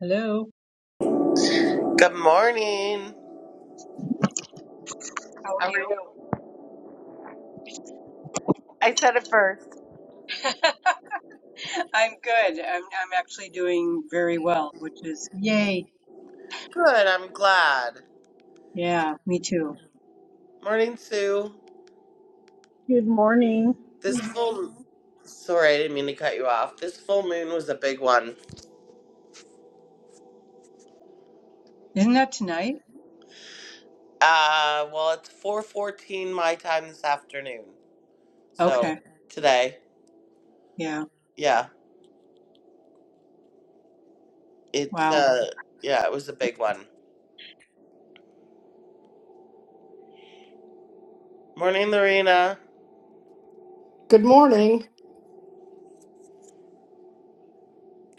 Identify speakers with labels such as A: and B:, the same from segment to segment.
A: Hello.
B: Good morning.
A: How are you? I'm good. I'm I'm actually doing very well, which is yay.
B: Good, I'm glad.
A: Yeah, me too.
B: Morning, Sue.
C: Good morning.
B: This full sorry, I didn't mean to cut you off. This full moon was a big one.
A: Isn't that tonight?
B: Uh well it's four fourteen my time this afternoon. So
A: Okay.
B: Okay. today.
A: Yeah.
B: Yeah. It's
A: Wow.
B: uh yeah, it was a big one. Morning Lorena.
D: Good morning.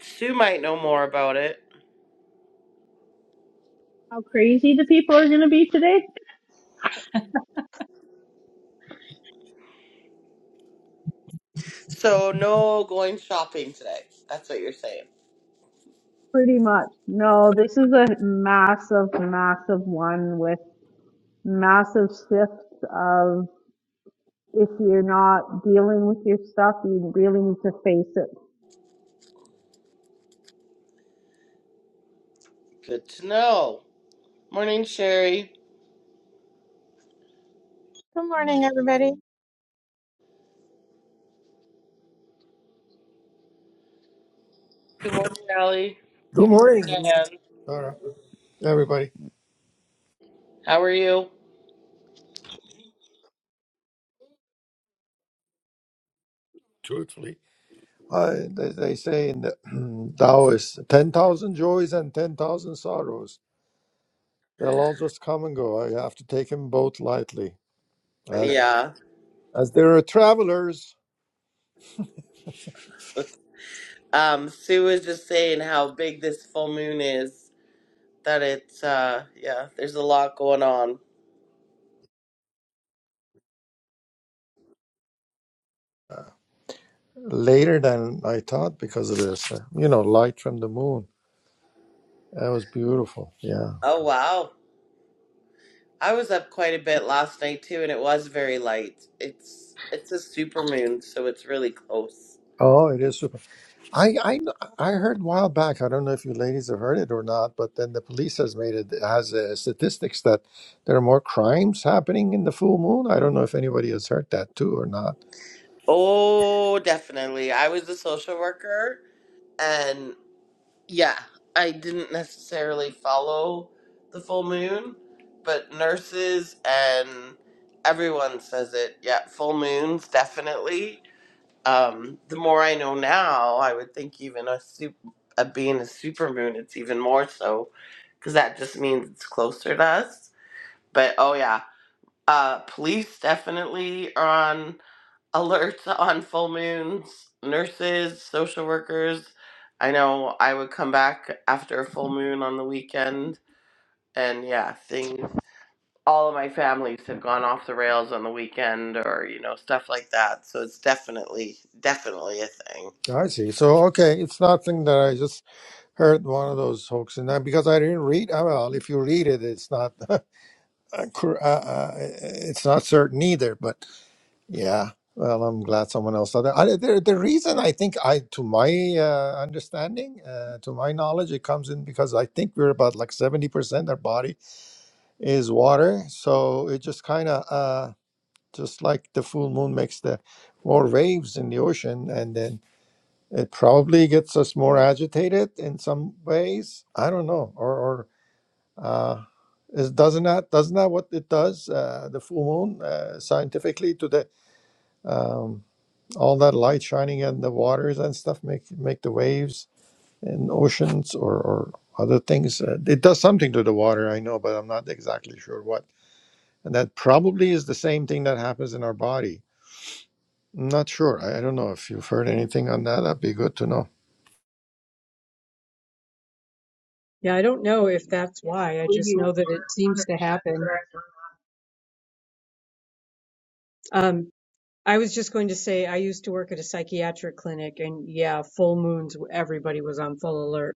B: Sue might know more about it.
C: How crazy the people are going to be today?
B: So no going shopping today. That's what you're saying.
C: Pretty much. No, this is a massive, massive one with massive shifts of if you're not dealing with your stuff, you really need to face it.
B: Good to know. Morning, Sherry.
E: Good morning, everybody.
B: Good morning, Allie.
F: Good
B: Good morning,
F: morning,
B: Diane.
F: Sarah, everybody.
B: How are you?
F: Truthfully, uh, they, they say in the Taoist, 10,000 joys and 10,000 sorrows. They'll all just come and go. I have to take them both lightly. As,
B: Yeah.
F: as there are travelers
B: Um, Sue was just saying how big this full moon is. That it's uh yeah, there's a lot going on.
F: later than I thought because of this, uh, you know, light from the moon. That was beautiful. Yeah.
B: Oh wow. I was up quite a bit last night too and it was very light. It's it's a super moon, so it's really close.
F: Oh, it is I, I I heard a while back. I don't know if you ladies have heard it or not, but then the police has made it has uh, statistics that there are more crimes happening in the full moon. I don't know if anybody has heard that too or not.
B: Oh, definitely. I was a social worker and. Yeah, I didn't necessarily follow the full moon, but nurses and everyone says it. Yeah, full moons definitely. Um, the more I know now, I would think even a super, a being a super moon, it's even more so, because that just means it's closer to us. But oh yeah, uh, police definitely are on alerts on full moons, nurses, social workers. I know I would come back after a full moon on the weekend, and yeah, things. All of my families have gone off the rails on the weekend, or you know, stuff like that. So it's definitely, definitely a thing.
F: I see. So okay, it's nothing that I just heard one of those hoaxes, and I, because I didn't read. uh, Well, if you read it, it's not uh, cor- uh, uh, it's not certain either. But Yeah. Well, I'm glad someone else saw that. I, the, the reason I think I, to my uh, understanding, uh, to my knowledge, it comes in because I think we're about like 70% our body is water. So it just kind of, uh, just like the full moon makes the more waves in the ocean. And then it probably gets us more agitated in some ways. I don't know. Or, or, uh, is, doesn't that, doesn't that what it does, uh, the full moon, uh, scientifically to the, um, all that light shining in the waters and stuff make make the waves in oceans or, or other things. Uh, it does something to the water, I know, but I'm not exactly sure what. And that probably is the same thing that happens in our body. I'm not sure. I, I don't know if you've heard anything on that. That'd be good to know.
A: Yeah, I don't know if that's
C: Yes, I
A: why. I
C: believe
A: just
C: you
A: know that it
C: are 100%
A: seems to happen.
C: correct. on that.
A: Um, I was just going to say I used to work at a psychiatric clinic, and yeah, full moons, everybody was on full alert.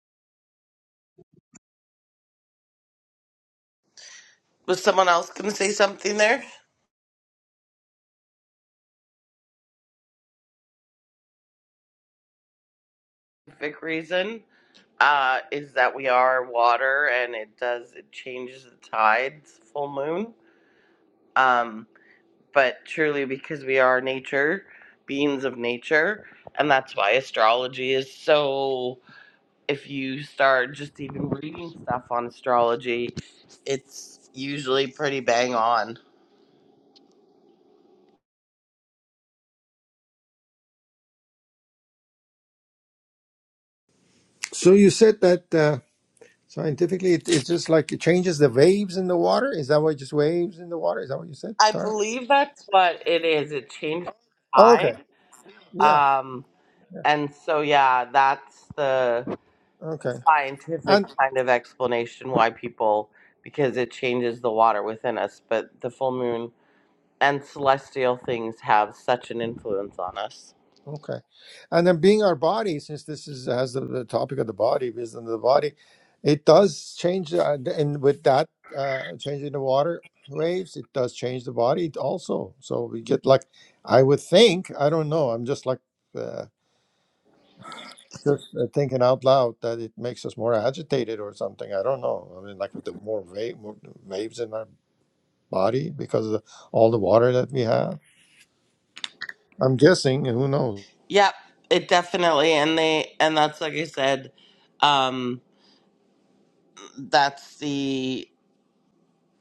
B: Was someone else going to say something there? Big reason uh, is that we are water, and it does it changes the tides. Full moon. Um, but truly because we are nature, beings of nature, and that's why astrology is so. If you start just even reading stuff on astrology, it's usually pretty bang on.
F: So you said that uh, scientifically, it, it's just like it changes the waves in the water. Is that what just waves in the water? Is that what you said,
B: I
F: Tara?
B: believe that's what it is. It changes the
F: Oh,
B: tide.
F: okay. Yeah.
B: Um,
F: Yeah.
B: and so, yeah, that's the
F: Okay. And
B: scientific kind of explanation why people, because it changes the water within us. But the full moon and celestial things have such an influence on us.
F: Okay. And then being our body, since this is has the, the topic of the body, wisdom of the body, it does change. Uh, and with that, uh, changing the water waves, it does change the body also. So we get like, I would think, I don't know, I'm just like, uh, just uh, thinking out loud that it makes us more agitated or something. I don't know. I mean, like with the more, wave, more waves in our body because of all the water that we have. I'm guessing, who knows?
B: Yep, it definitely and they and that's like I said, um that's the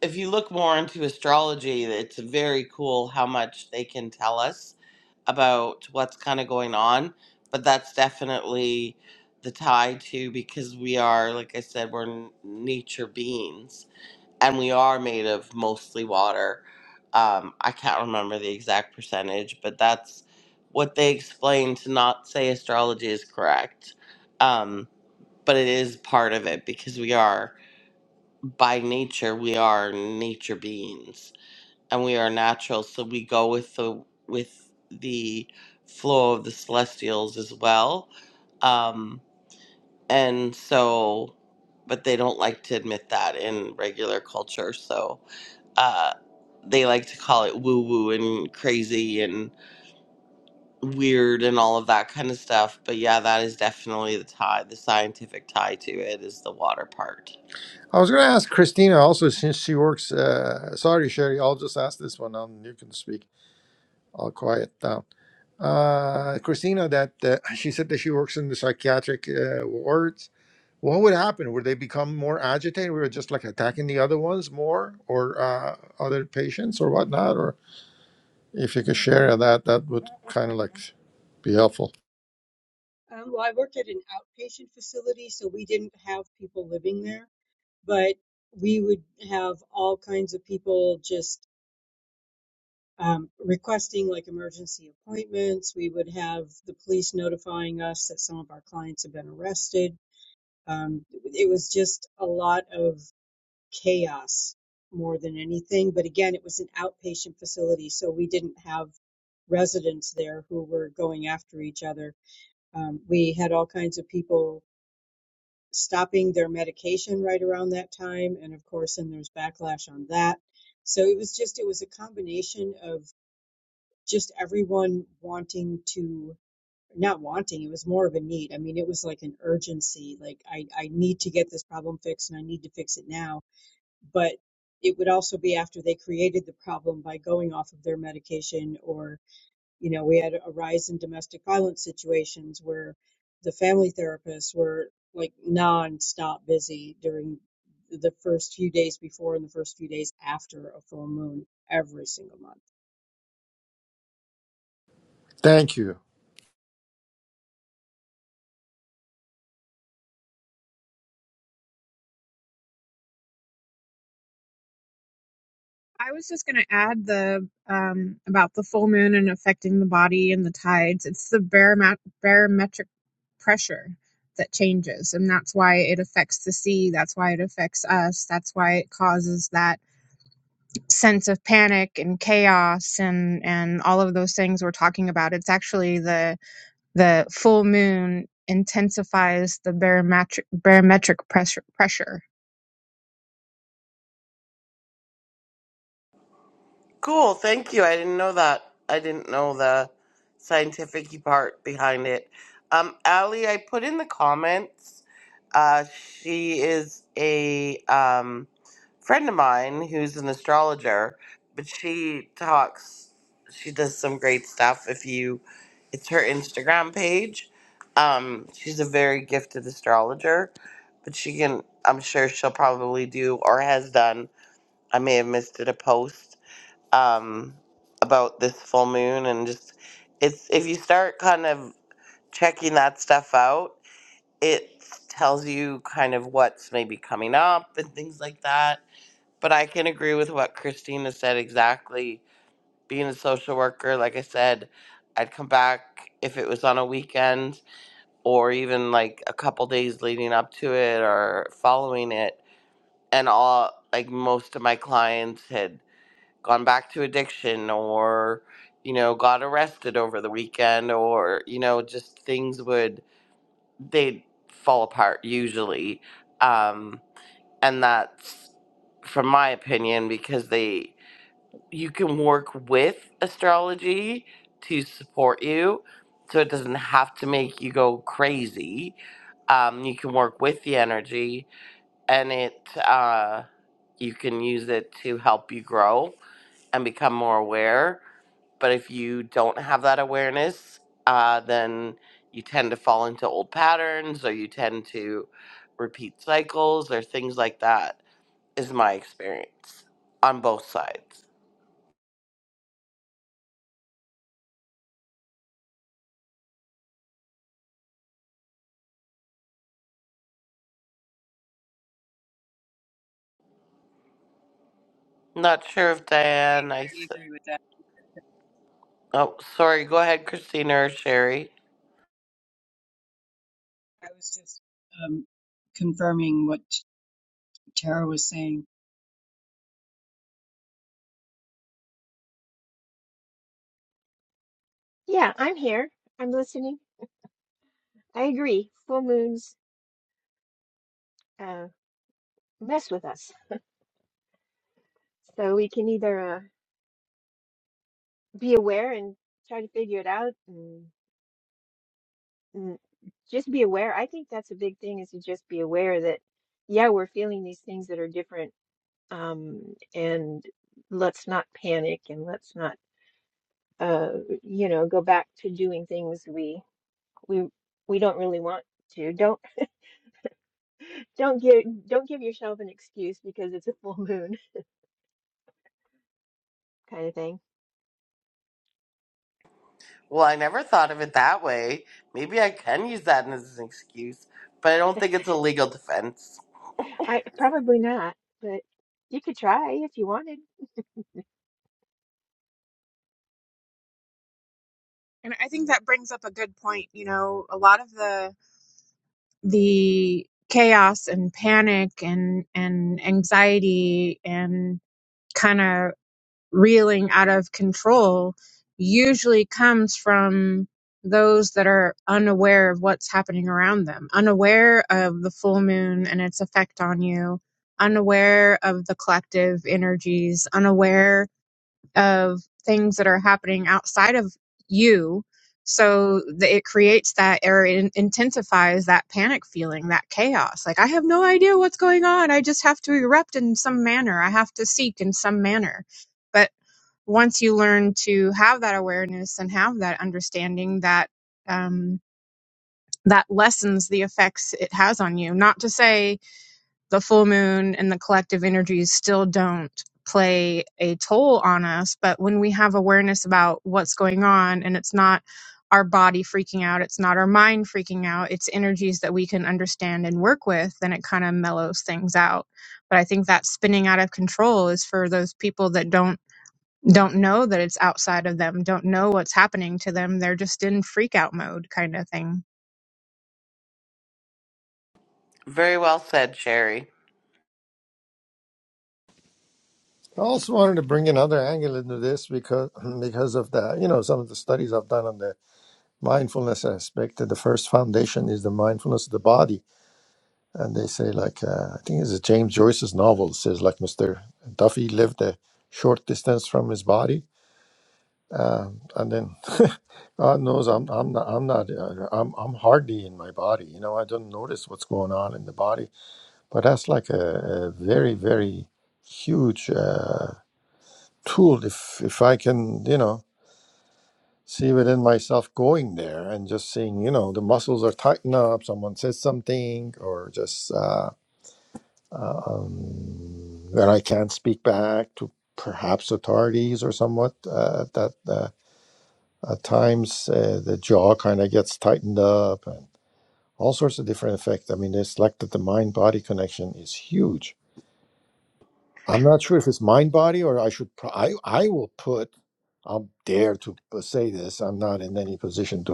B: if you look more into astrology, it's very cool how much they can tell us about what's kind of going on, but that's definitely the tie to because we are like I said, we're n- nature beings and we are made of mostly water. Um, I can't remember the exact percentage, but that's what they explain to not say astrology is correct. Um, but it is part of it because we are, by nature, we are nature beings and we are natural. So we go with the, with the flow of the celestials as well. Um, and so, but they don't like to admit that in regular culture. So, uh, they like to call it woo woo and crazy and weird and all of that kind of stuff. But yeah, that is definitely the tie, the scientific tie to it is the water part.
F: I was going to ask Christina also, since she works. Uh, sorry, Sherry, I'll just ask this one, and you can speak. I'll quiet down. Uh, Christina, that uh, she said that she works in the psychiatric uh, wards. What would happen? Would they become more agitated? We were just like attacking the other ones more, or uh, other patients, or whatnot. Or if you could share that, that would kind of like be helpful.
A: Um, well, I worked at an outpatient facility, so we didn't have people living there, but we would have all kinds of people just um, requesting like emergency appointments. We would have the police notifying us that some of our clients have been arrested. Um, it was just a lot of chaos more than anything. But again, it was an outpatient facility, so we didn't have residents there who were going after each other. Um, we had all kinds of people stopping their medication right around that time, and of course, then there's backlash on that. So it was just it was a combination of just everyone wanting to not wanting it was more of a need i mean it was like an urgency like i i need to get this problem fixed and i need to fix it now but it would also be after they created the problem by going off of their medication or you know we had a rise in domestic violence situations where the family therapists were like non-stop busy during the first few days before and the first few days after a full moon every single month
F: Thank you.
E: I was just going to add the um, about the full moon and affecting the body and the tides. It's the barome- barometric pressure that changes, and that's why it affects the sea. That's why it affects us. That's why it causes that sense of panic and chaos and and all of those things we're talking about. It's actually the the full moon intensifies the barometric barometric pressure pressure.
B: Cool. Thank you. I didn't know that. I didn't know the scientific part behind it. Um, Allie, I put in the comments. Uh, she is a um, friend of mine who's an astrologer, but she talks. She does some great stuff. If you, it's her Instagram page. Um, she's a very gifted astrologer, but she can. I'm sure she'll probably do or has done. I may have missed it a post um, about this full moon and just it's if you start kind of checking that stuff out, it tells you kind of what's maybe coming up and things like that. But I can agree with what Christina said exactly. Being a social worker, like I said, I'd come back if it was on a weekend or even like a couple days leading up to it or following it. And all like most of my clients had gone back to addiction or you know got arrested over the weekend or you know just things would they'd fall apart usually um and that's from my opinion because they you can work with astrology to support you so it doesn't have to make you go crazy um you can work with the energy and it uh you can use it to help you grow and become more aware but if you don't have that awareness, uh, then you tend to fall into old patterns or you tend to repeat cycles or things like that, is my experience on both sides. Not sure if Diane, I. s-
A: We agree with that.
B: Oh, sorry. Go ahead, Christina or Sherry.
A: I was just um, confirming what Tara was saying.
G: Yeah, I'm here. I'm listening. I agree. Full moons uh, mess with us. So we can either uh, be aware and try to figure it out and, and just be aware. I think that's a big thing is to just be aware that, yeah, we're feeling these things that are different. Um, and let's not panic and let's not, uh, you know, go back to doing things we we we don't really want to. Don't don't give don't give yourself an excuse because it's a full moon kind of thing
B: Well, I never thought of it that way. Maybe I can use that as an excuse, but I don't think it's a legal defense.
G: I probably not, but you could try if you wanted.
E: And I think that brings up a good point. You know, a lot of the the chaos and panic and and anxiety and kind of reeling out of control usually comes from those that are unaware of what's happening around them, unaware of the full moon and its effect on you, unaware of the collective energies, unaware of things that are happening outside of you. So that it creates that or it intensifies that panic feeling, that chaos. Like, I have no idea what's going on. I just have to erupt in some manner. I have to seek in some manner. But once you learn to have that awareness and have that understanding, that um, that lessens the effects it has on you. Not to say the full moon and the collective energies still don't play a toll on us. But when we have awareness about what's going on and it's not our body freaking out, it's not our mind freaking out, it's energies that we can understand and work with, then it kind of mellows things out. But I think that spinning out of control is for those people that don't don't know that it's outside of them, don't know what's happening to them. They're just in freak out mode kind of thing.
B: Very well said, Sherry.
F: I also wanted to bring another angle into this because because of the you know some of the studies I've done on the mindfulness aspect that the first foundation is the mindfulness of the body and they say like uh, i think it's a james joyce's novel it says like mr duffy lived a short distance from his body um, and then god knows i'm i'm not i'm not uh, i'm i'm hardly in my body you know i don't notice what's going on in the body but that's like a, a very very huge uh, tool if if i can you know see within myself going there and just seeing, you know, the muscles are tightened up, someone says something, or just uh, uh, um, that I can't speak back to perhaps authorities or somewhat. Uh, that uh, at times uh, the jaw kind of gets tightened up and all sorts of different effects. I mean, it's like that the mind body connection is huge. I'm not sure if it's mind body or I should, pro- I, I will put. I'll dare to uh, say this. I'm not in any position to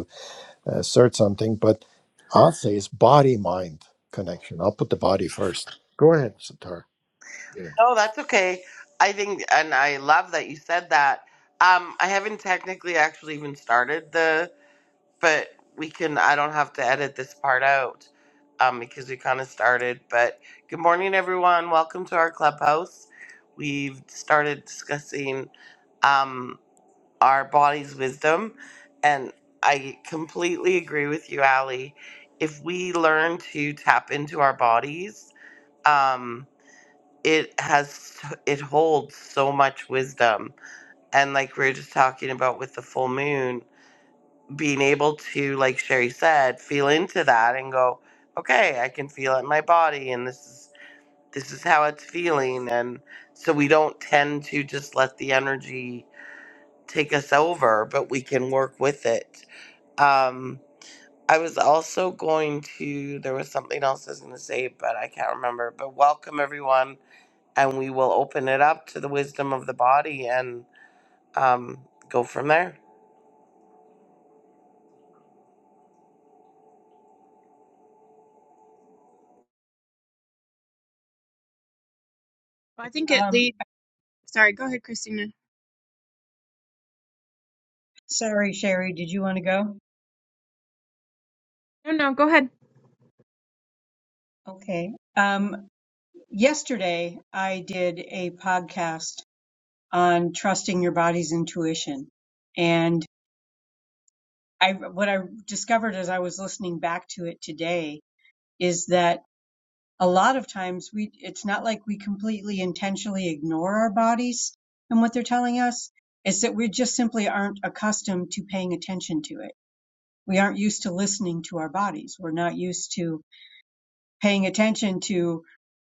F: uh, assert something, but I'll say it's body mind connection. I'll put the body first. Go ahead, Satar. Yeah.
B: No, that's okay. I think, and I love that you said that. Um, I haven't technically actually even started the, but we can. I don't have to edit this part out, um, because we kind of started. But good morning, everyone. Welcome to our clubhouse. We've started discussing, um, our body's wisdom, and I completely agree with you, Allie. If we learn to tap into our bodies, um, it has it holds so much wisdom and like we were just talking about with the full moon being able to like sherry said feel into that and go okay i can feel it in my body and this is this is how it's feeling and so we don't tend to just let the energy take us over but we can work with it um i was also going to there was something else i was going to say but i can't remember but welcome everyone and we will open it up to the wisdom of the body and um, go from there.
E: I think it
A: Um,
E: leads sorry, go ahead, Christina.
A: sorry, Sherry, did you want to go?
E: No, no, go ahead.
A: Okay. Um, yesterday, I did a podcast on trusting your body's intuition, and I what I discovered as I was listening back to it today is that a lot of times we it's not like we completely intentionally ignore our bodies and what they're telling us. It's that we just simply aren't accustomed to paying attention to it we aren't used to listening to our bodies. We're not used to paying attention to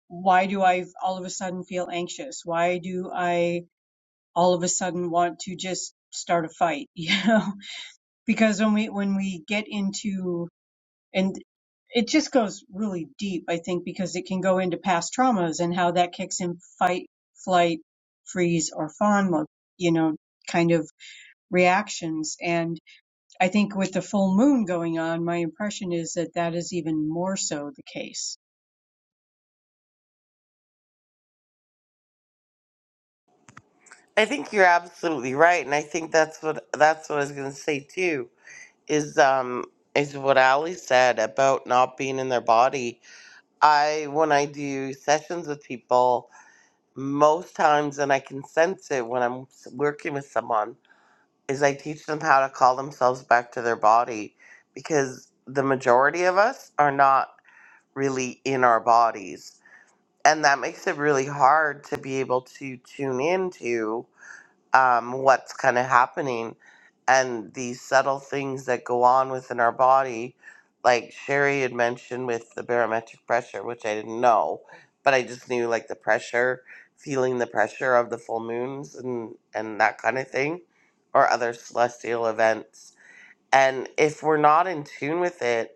A: why do I all of a sudden feel anxious? Why do I all of a sudden want to just start a fight? You know, because when we, when we get into, and it just goes really deep, I think, because it can go into past traumas and how that kicks in fight, flight, freeze, or fawn mode, you know, kind of reactions. and. I think with the full moon going on, my impression is that that is even more so the case.
B: I think you're absolutely right, and I think that's what that's what I was going to say too. Is um is what Ali said about not being in their body. I when I do sessions with people, most times, and I can sense it when I'm s- working with someone, is I teach them how to call themselves back to their body, because the majority of us are not really in our bodies and that makes it really hard to be able to tune into um, what's kind of happening and these subtle things that go on within our body like sherry had mentioned with the barometric pressure which i didn't know but i just knew like the pressure feeling the pressure of the full moons and and that kind of thing or other celestial events and if we're not in tune with it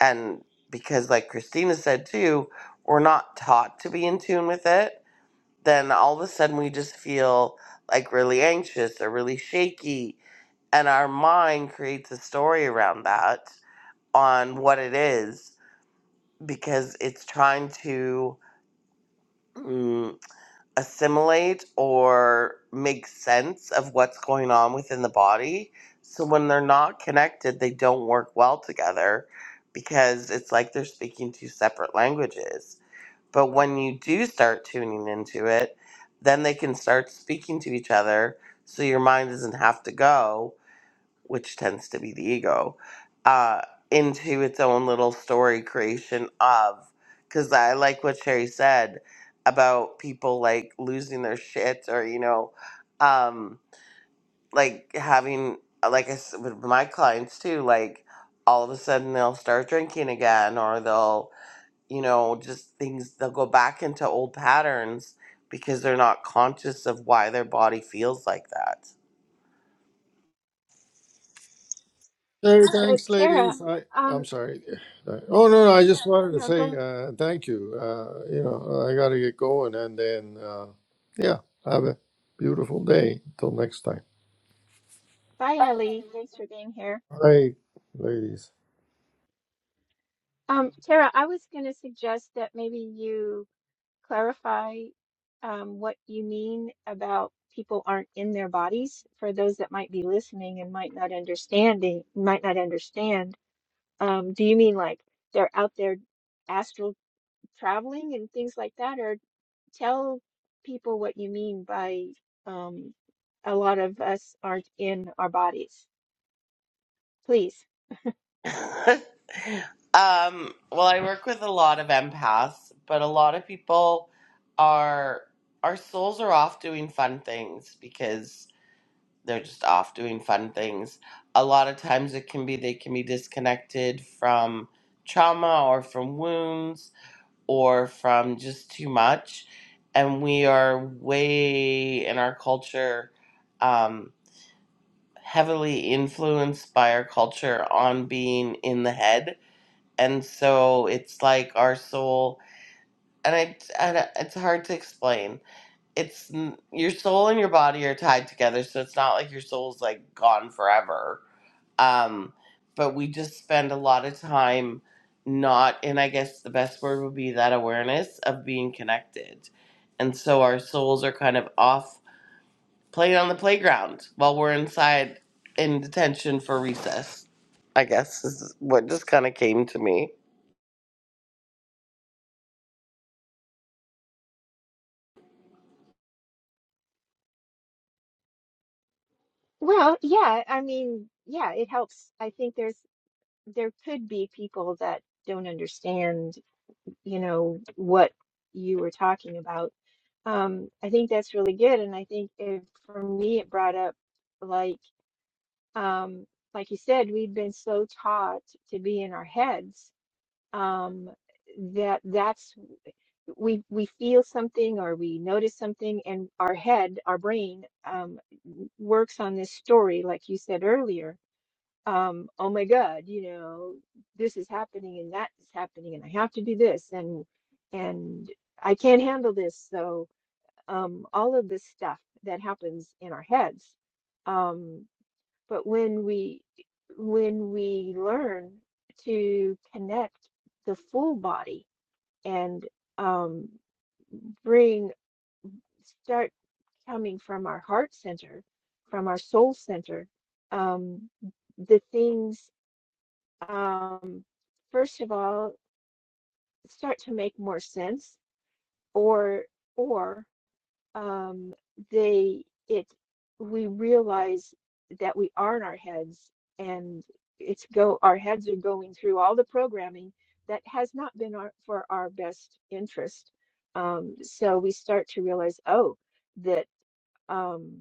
B: and because like christina said too we're not taught to be in tune with it then all of a sudden we just feel like really anxious or really shaky and our mind creates a story around that on what it is because it's trying to mm, assimilate or make sense of what's going on within the body. So when they're not connected, they don't work well together because it's like they're speaking two separate languages. But when you do start tuning into it, then they can start speaking to each other so your mind doesn't have to go which tends to be the ego, uh, into its own little story creation of. Because I like what Sherry said about people like losing their shit or, you know, um, like having, like I s- with my clients too, like all of a sudden they'll start drinking again or they'll, you know, just things, they'll go back into old patterns because they're not conscious of why their body feels like that.
F: Hey,
G: So
F: thanks,
G: Tara,
F: ladies. I, I'm
G: um,
F: sorry. Uh, Oh, no, no, I just wanted to
G: no,
F: say
G: go.
F: uh, thank you. Uh, you know, I got to get going and then, uh, yeah, have a beautiful day. Till next time.
G: Bye, Ellie. Thanks for being here.
F: All right, ladies.
G: Um, Tara, I was going to suggest that maybe you clarify um, what you mean about people aren't in their bodies for those that might be listening and might not understanding, might not understand. Um, do you mean like they're out there astral traveling and things like that? Or tell people what you mean by um, a lot of us aren't in our bodies, please.
B: Um, well, I work with a lot of empaths, but a lot of people are our souls are off doing fun things because they're just off doing fun things. A lot of times it can be they can be disconnected from trauma or from wounds or from just too much. And we are way in our culture um, heavily influenced by our culture on being in the head and so it's like our soul and I, and it's hard to explain it's your soul and your body are tied together so it's not like your soul's like gone forever um but we just spend a lot of time not and i guess the best word would be that awareness of being connected and so our souls are kind of off playing on the playground while we're inside in detention for recess i guess is what just kind of came to me
G: Well, yeah, I mean, yeah, it helps. I think there's there could be people that don't understand you know, what you were talking about. Um, I think that's really good. And I think it, for me, it brought up like, um, like you said, we've been so taught to be in our heads, um, that that's we we feel something or we notice something and our head, our brain, um, works on this story, like you said earlier um, oh my God, you know, this is happening and that is happening and I have to do this and and I can't handle this. So um, all of this stuff that happens in our heads. Um, but when we when we learn to connect the full body and um, bring start coming from our heart center, from our soul center, um, the things um, first of all start to make more sense or or um, they it we realize that we are in our heads and it's go our heads are going through all the programming that has not been our, for our best interest um, so we start to realize oh that um,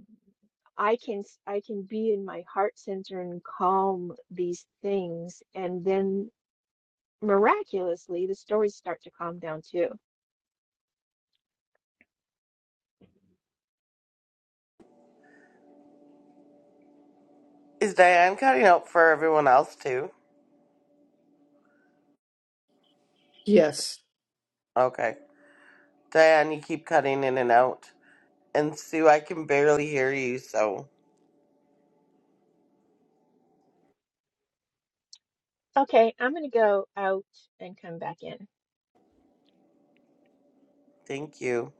G: I can I can be in my heart center and calm these things and then Miraculously, the stories start to calm down too.
B: Is Diane cutting out for everyone else too?
D: Yes.
B: Okay. Diane, you keep cutting in and out. And Sue, I can barely hear you, so
G: Okay, I'm going to go out and come back in.
B: thank you.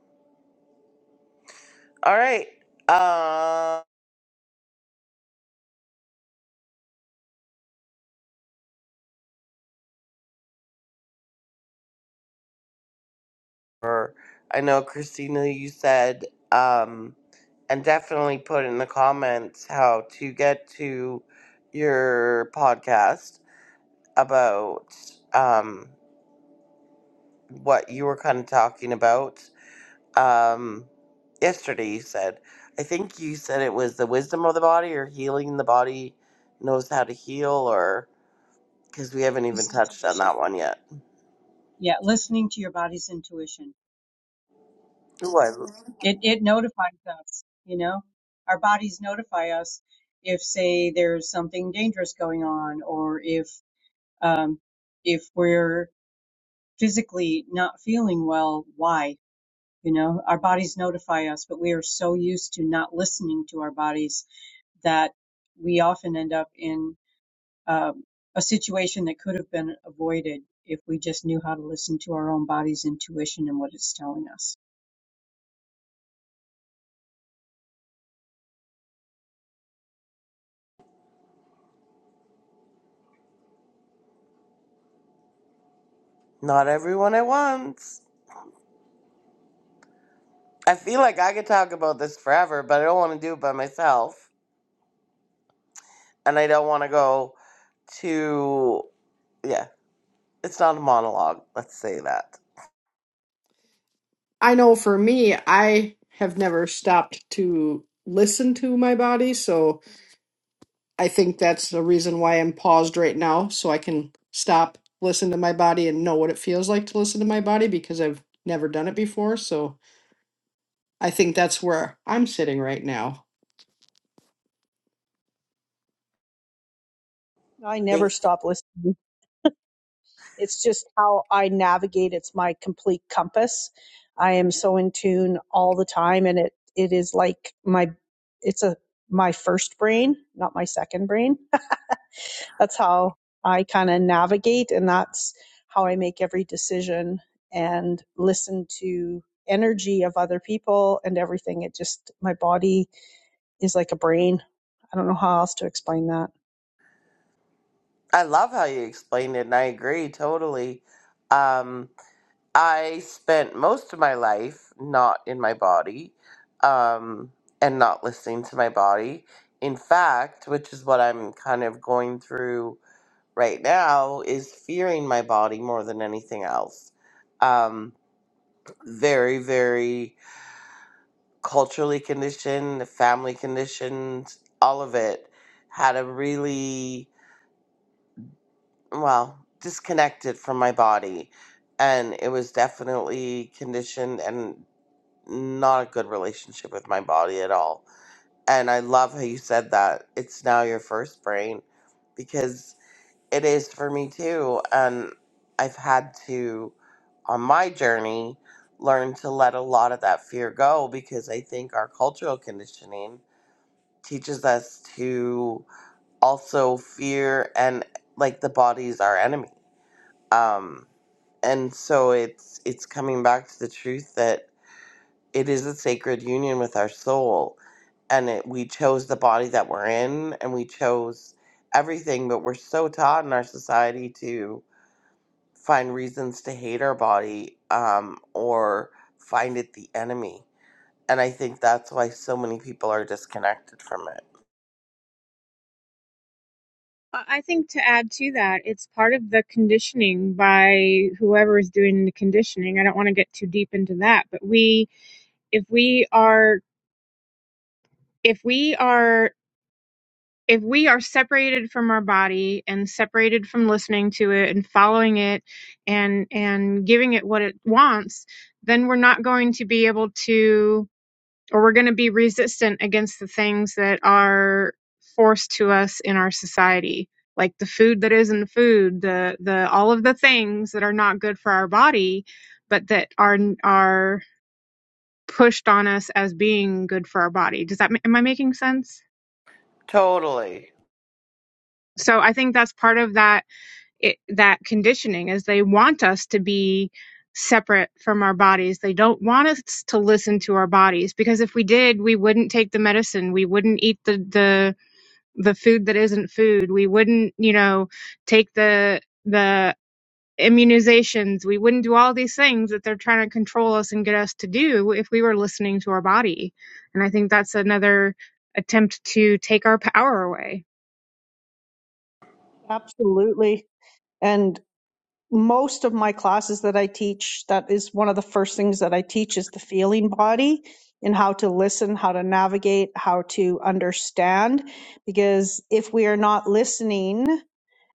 B: All right. Uh, or I know Christina, you said, um, and definitely put in the comments how to get to your podcast about um, what you were kind of talking about um, yesterday you said, I think you said it was the wisdom of the body or healing the body knows how to heal, or because we haven't even
A: Body's
B: touched on
A: intuition.
B: that one yet.
A: Yeah, listening to your body's intuition.
B: Ooh, I,
A: It it notifies us, you know. Our bodies notify us if say there's something dangerous going on or if um if we're physically not feeling well, why? You know, our bodies notify us, but we are so used to not listening to our bodies that we often end up in um, a situation that could have been avoided if we just knew how to listen to our own body's intuition and what it's telling us.
B: not everyone at once. I feel like I could talk about this forever, but I don't want to do it by myself. And I don't want to go to, yeah, it's not a monologue. Let's say that.
D: I know for me, I have never stopped to listen to my body. So I think that's the reason why I'm paused right now. So I can stop, listen to my body, and know what it feels like to listen to my body because I've never done it before. So I think that's where I'm sitting right now.
B: Think,
C: It's just how I navigate. It's my complete compass. I am so in tune all the time and it it is like my it's a my first brain, not my second brain. that's how I kind of navigate, and that's how I make every decision and listen to energy of other people and everything. It just my body is like a brain. I don't know how else to explain that.
B: I love how you explained it, and I agree totally. Um, I spent most of my life not in my body um, and not listening to my body. In fact, which is what I'm kind of going through right now, is fearing my body more than anything else. Um, very, very culturally conditioned, family conditioned, all of it had a really, well, disconnected from my body. And it was definitely conditioned and. not a good relationship with my body at all. And I love how you said that it's now your first brain because it is for me too. And I've had to, on my journey, learn to let a lot of that fear go because I think our cultural conditioning teaches us to also fear and like the body's our enemy. Um, and so it's it's coming back to the truth that. It is a sacred union with our soul, and it, we chose the body that we're in, and we chose everything. But we're so taught in our society to find reasons to hate our body um, or find it the enemy, and I think that's why so many people are disconnected from it.
E: I I think to add to that, it's part of the conditioning by whoever is doing the conditioning. I don't want to get too deep into that, but we, if we are, if we are, if we are separated from our body and separated from listening to it and following it and and giving it what it wants, then we're not going to be able to or we're going to be resistant against the things that are forced to us in our society like the food that isn't food the the all of the things that are not good for our body but that are are pushed on us as being good for our body does that am i making sense
B: Totally,
E: so i think that's part of that it, that conditioning is they want us to be separate from our bodies. They don't want us to listen to our bodies because if we did, we wouldn't take the medicine. We wouldn't eat the the the food that isn't food. We wouldn't, you know, take the the immunizations. We wouldn't do all these things that they're trying to control us and get us to do if we were listening to our body. And I think that's another attempt to take our power away.
C: Absolutely. And most of my classes that I teach, that is one of the first things that I teach is the feeling body and how to listen, how to navigate, how to understand. Because if we are not listening,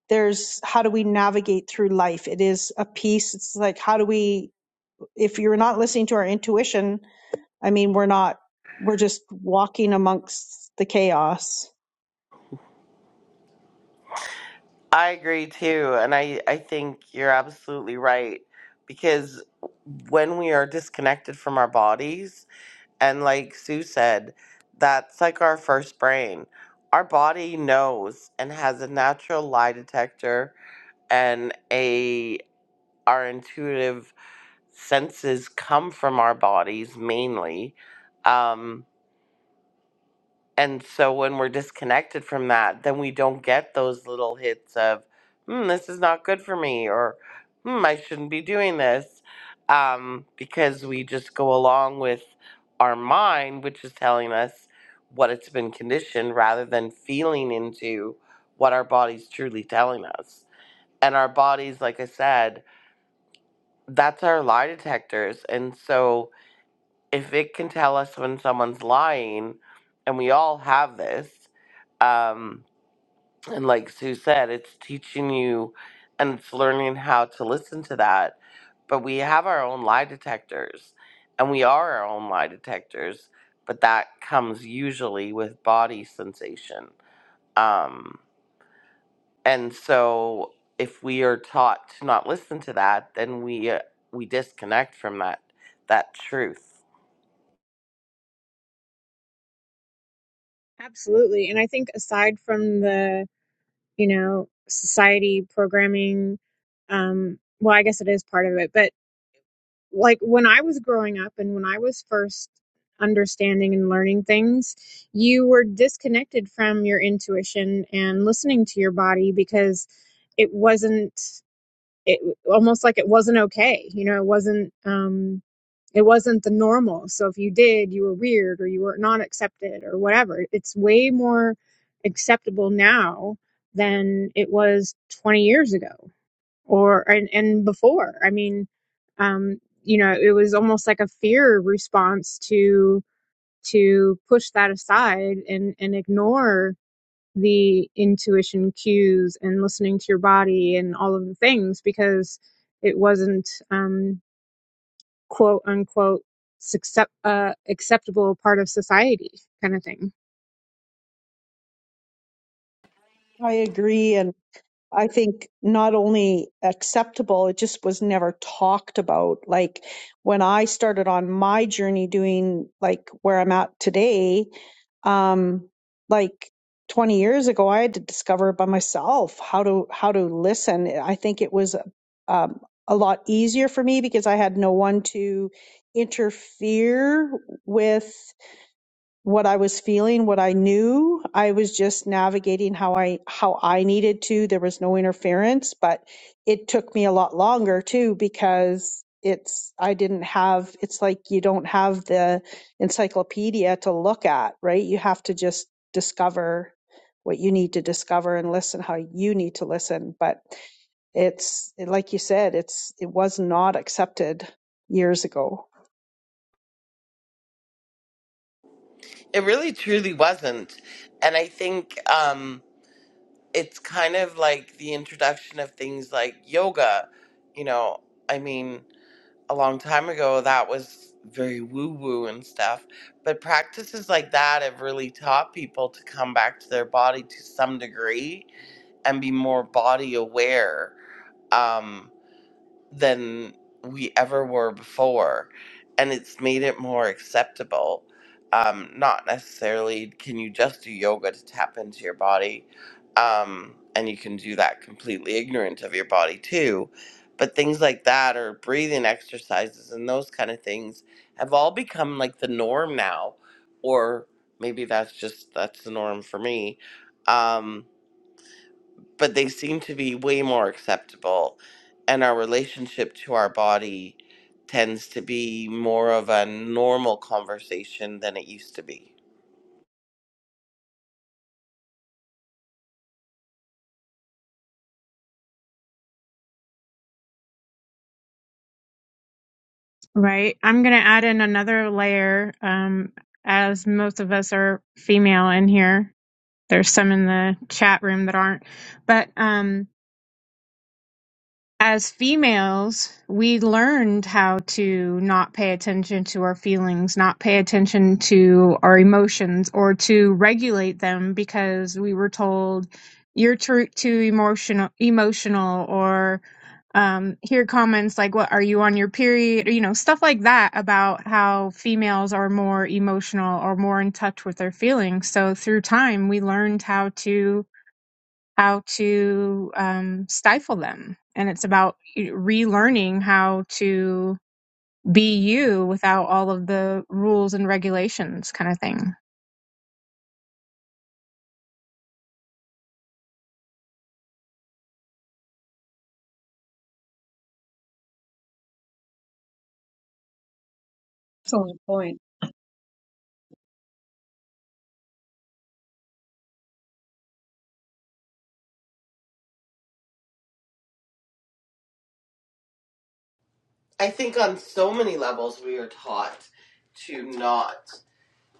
C: there's how do we navigate through life? It is a piece. It's like, how do we, if you're not listening to our intuition, I mean, we're not, we're just walking amongst the chaos.
B: I agree too, and I I think you're absolutely right because when we are disconnected from our bodies And like Sue said, that's like our first brain. Our body knows and has a natural lie detector and a our intuitive senses come from our bodies mainly. Um, and so when we're disconnected from that, then we don't get those little hits of, hmm, this is not good for me, or hmm, I shouldn't be doing this, um, because we just go along with our mind, which is telling us what it's been conditioned rather than feeling into what our body's truly telling us. And our bodies, like I said, that's our lie detectors. And so if it can tell us when someone's lying, and we all have this, um, and like Sue said, it's teaching you and it's learning how to listen to that. But we have our own lie detectors, and we are our own lie detectors. But that comes usually with body sensation. Um, and so, if we are taught to not listen to that, then we uh, we disconnect from that that truth.
E: Absolutely. And I think aside from the, you know, society programming, um, well, I guess it is part of it, but like when I was growing up and when I was first understanding and learning things, you were disconnected from your intuition and listening to your body because it wasn't it almost like it wasn't okay. You know, it wasn't um it wasn't the normal. So if you did, you were weird or you were not accepted or whatever. It's way more acceptable now than it was 20 years ago or and, and before i mean um you know it was almost like a fear response to to push that aside and and ignore the intuition cues and listening to your body and all of the things because it wasn't um quote unquote succep- uh, acceptable part of society kind of thing
C: I agree. and. I think not only acceptable, it just was never talked about. Like when I started on my journey doing like where I'm at today, um, like 20 years ago, I had to discover by myself how to how to listen. I think it was um, a lot easier for me because I had no one to interfere with what I was feeling, what I knew. I was just navigating how I how I needed to. There was no interference, but it took me a lot longer too because it's I didn't have it's like you don't have the encyclopedia to look at, right? You have to just discover what you need to discover and listen how you need to listen, but it's like you said it's it was not accepted years ago
B: It really truly wasn't. And I think um, it's kind of like the introduction of things like yoga. You know, I mean, a long time ago, that was very woo woo and stuff. But practices like that have really taught people to come back to their body to some degree and be more body aware. Um, than we ever were before and it's made it more acceptable um, not necessarily can you just do yoga to tap into your body um, and you can do that completely ignorant of your body too but things like that or breathing exercises and those kind of things have all become like the norm now or maybe that's just that's the norm for me um, but they seem to be way more acceptable. And our relationship to our body tends to be more of a normal conversation than it used to be.
E: right i'm going to add in another layer um as most of us are female in here There's some in the chat room that aren't. But um, as females, we learned how to not pay attention to our feelings, not pay attention to our emotions, or to regulate them because we were told you're too, too emotional emotional or um hear comments like what are you on your period or, you know stuff like that about how females are more emotional or more in touch with their feelings so through time we learned how to how to um, stifle them. And it's about relearning how to be you without all of the rules and regulations, kind of thing.
A: Excellent point.
B: I think on so many levels, we are taught to not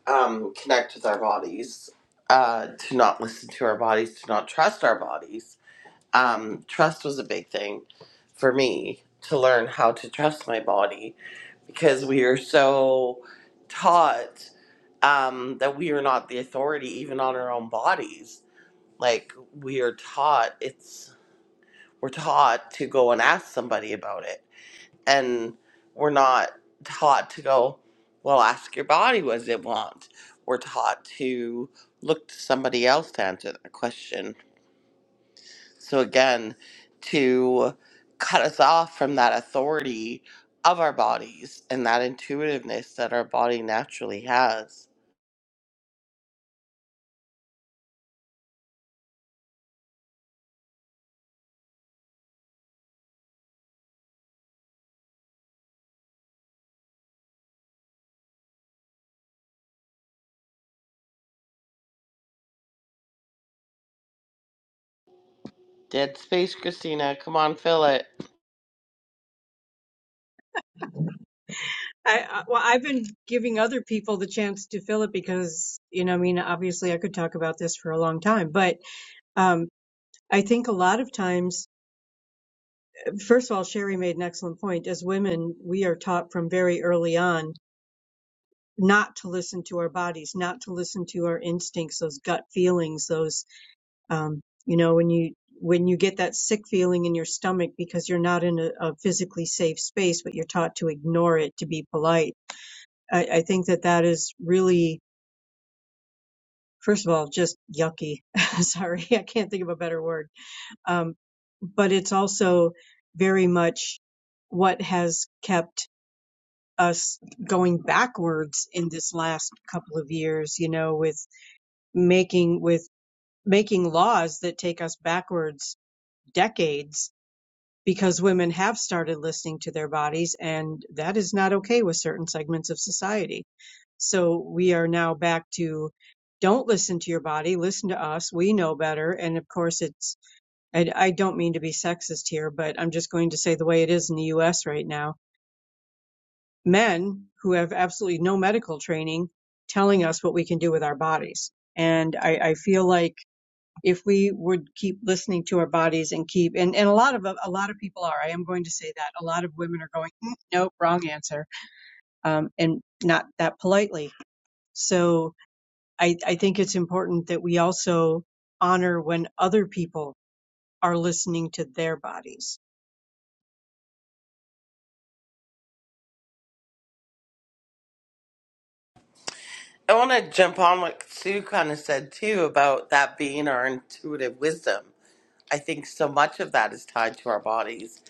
B: um, connect with our bodies, uh, to not listen to our bodies, to not trust our bodies. Um, trust was a big thing for me to learn how to trust my body because we are so taught um, that we are not the authority even on our own bodies. Like we are taught it's we're taught to go and ask somebody about it, and we're not taught to go. Well, ask your body what does it want. We're taught to look to somebody else to answer that question so again, to cut us off from that authority of our bodies and that intuitiveness that our body naturally has. Dead space, Christina. Come on, fill it.
A: I, I well, I've been giving other people the chance to fill it because, you know, I mean, obviously I could talk about this for a long time, but um, I think a lot of times, first of all, Sherry made an excellent point. As women, we are taught from very early on not to listen to our bodies, not to listen to our instincts, those gut feelings, those um, you know when you when you get that sick feeling in your stomach because you're not in a, a physically safe space but you're taught to ignore it to be polite i, I think that that is really first of all just yucky sorry i can't think of a better word um, but it's also very much what has kept us going backwards in this last couple of years you know with making with making laws that take us backwards decades because women have started listening to their bodies, and that is not okay with certain segments of society. So we are now back to don't listen to your body, listen to us. We know better. And of course, it's, I, I don't mean to be sexist here, but I'm just going to say the way it is in the US right now. Men who have absolutely no medical training telling us what we can do with our bodies. And I, I feel like if we would keep listening to our bodies and keep and, and a lot of a lot of people are i am going to say that a lot of women are going "Mm, nope wrong answer um, and not that politely so I, I think it's important that we also honor when other people are listening to their bodies
B: I want to jump on what Sue kind of said too about that being our intuitive wisdom. I think so much of that is tied to our bodies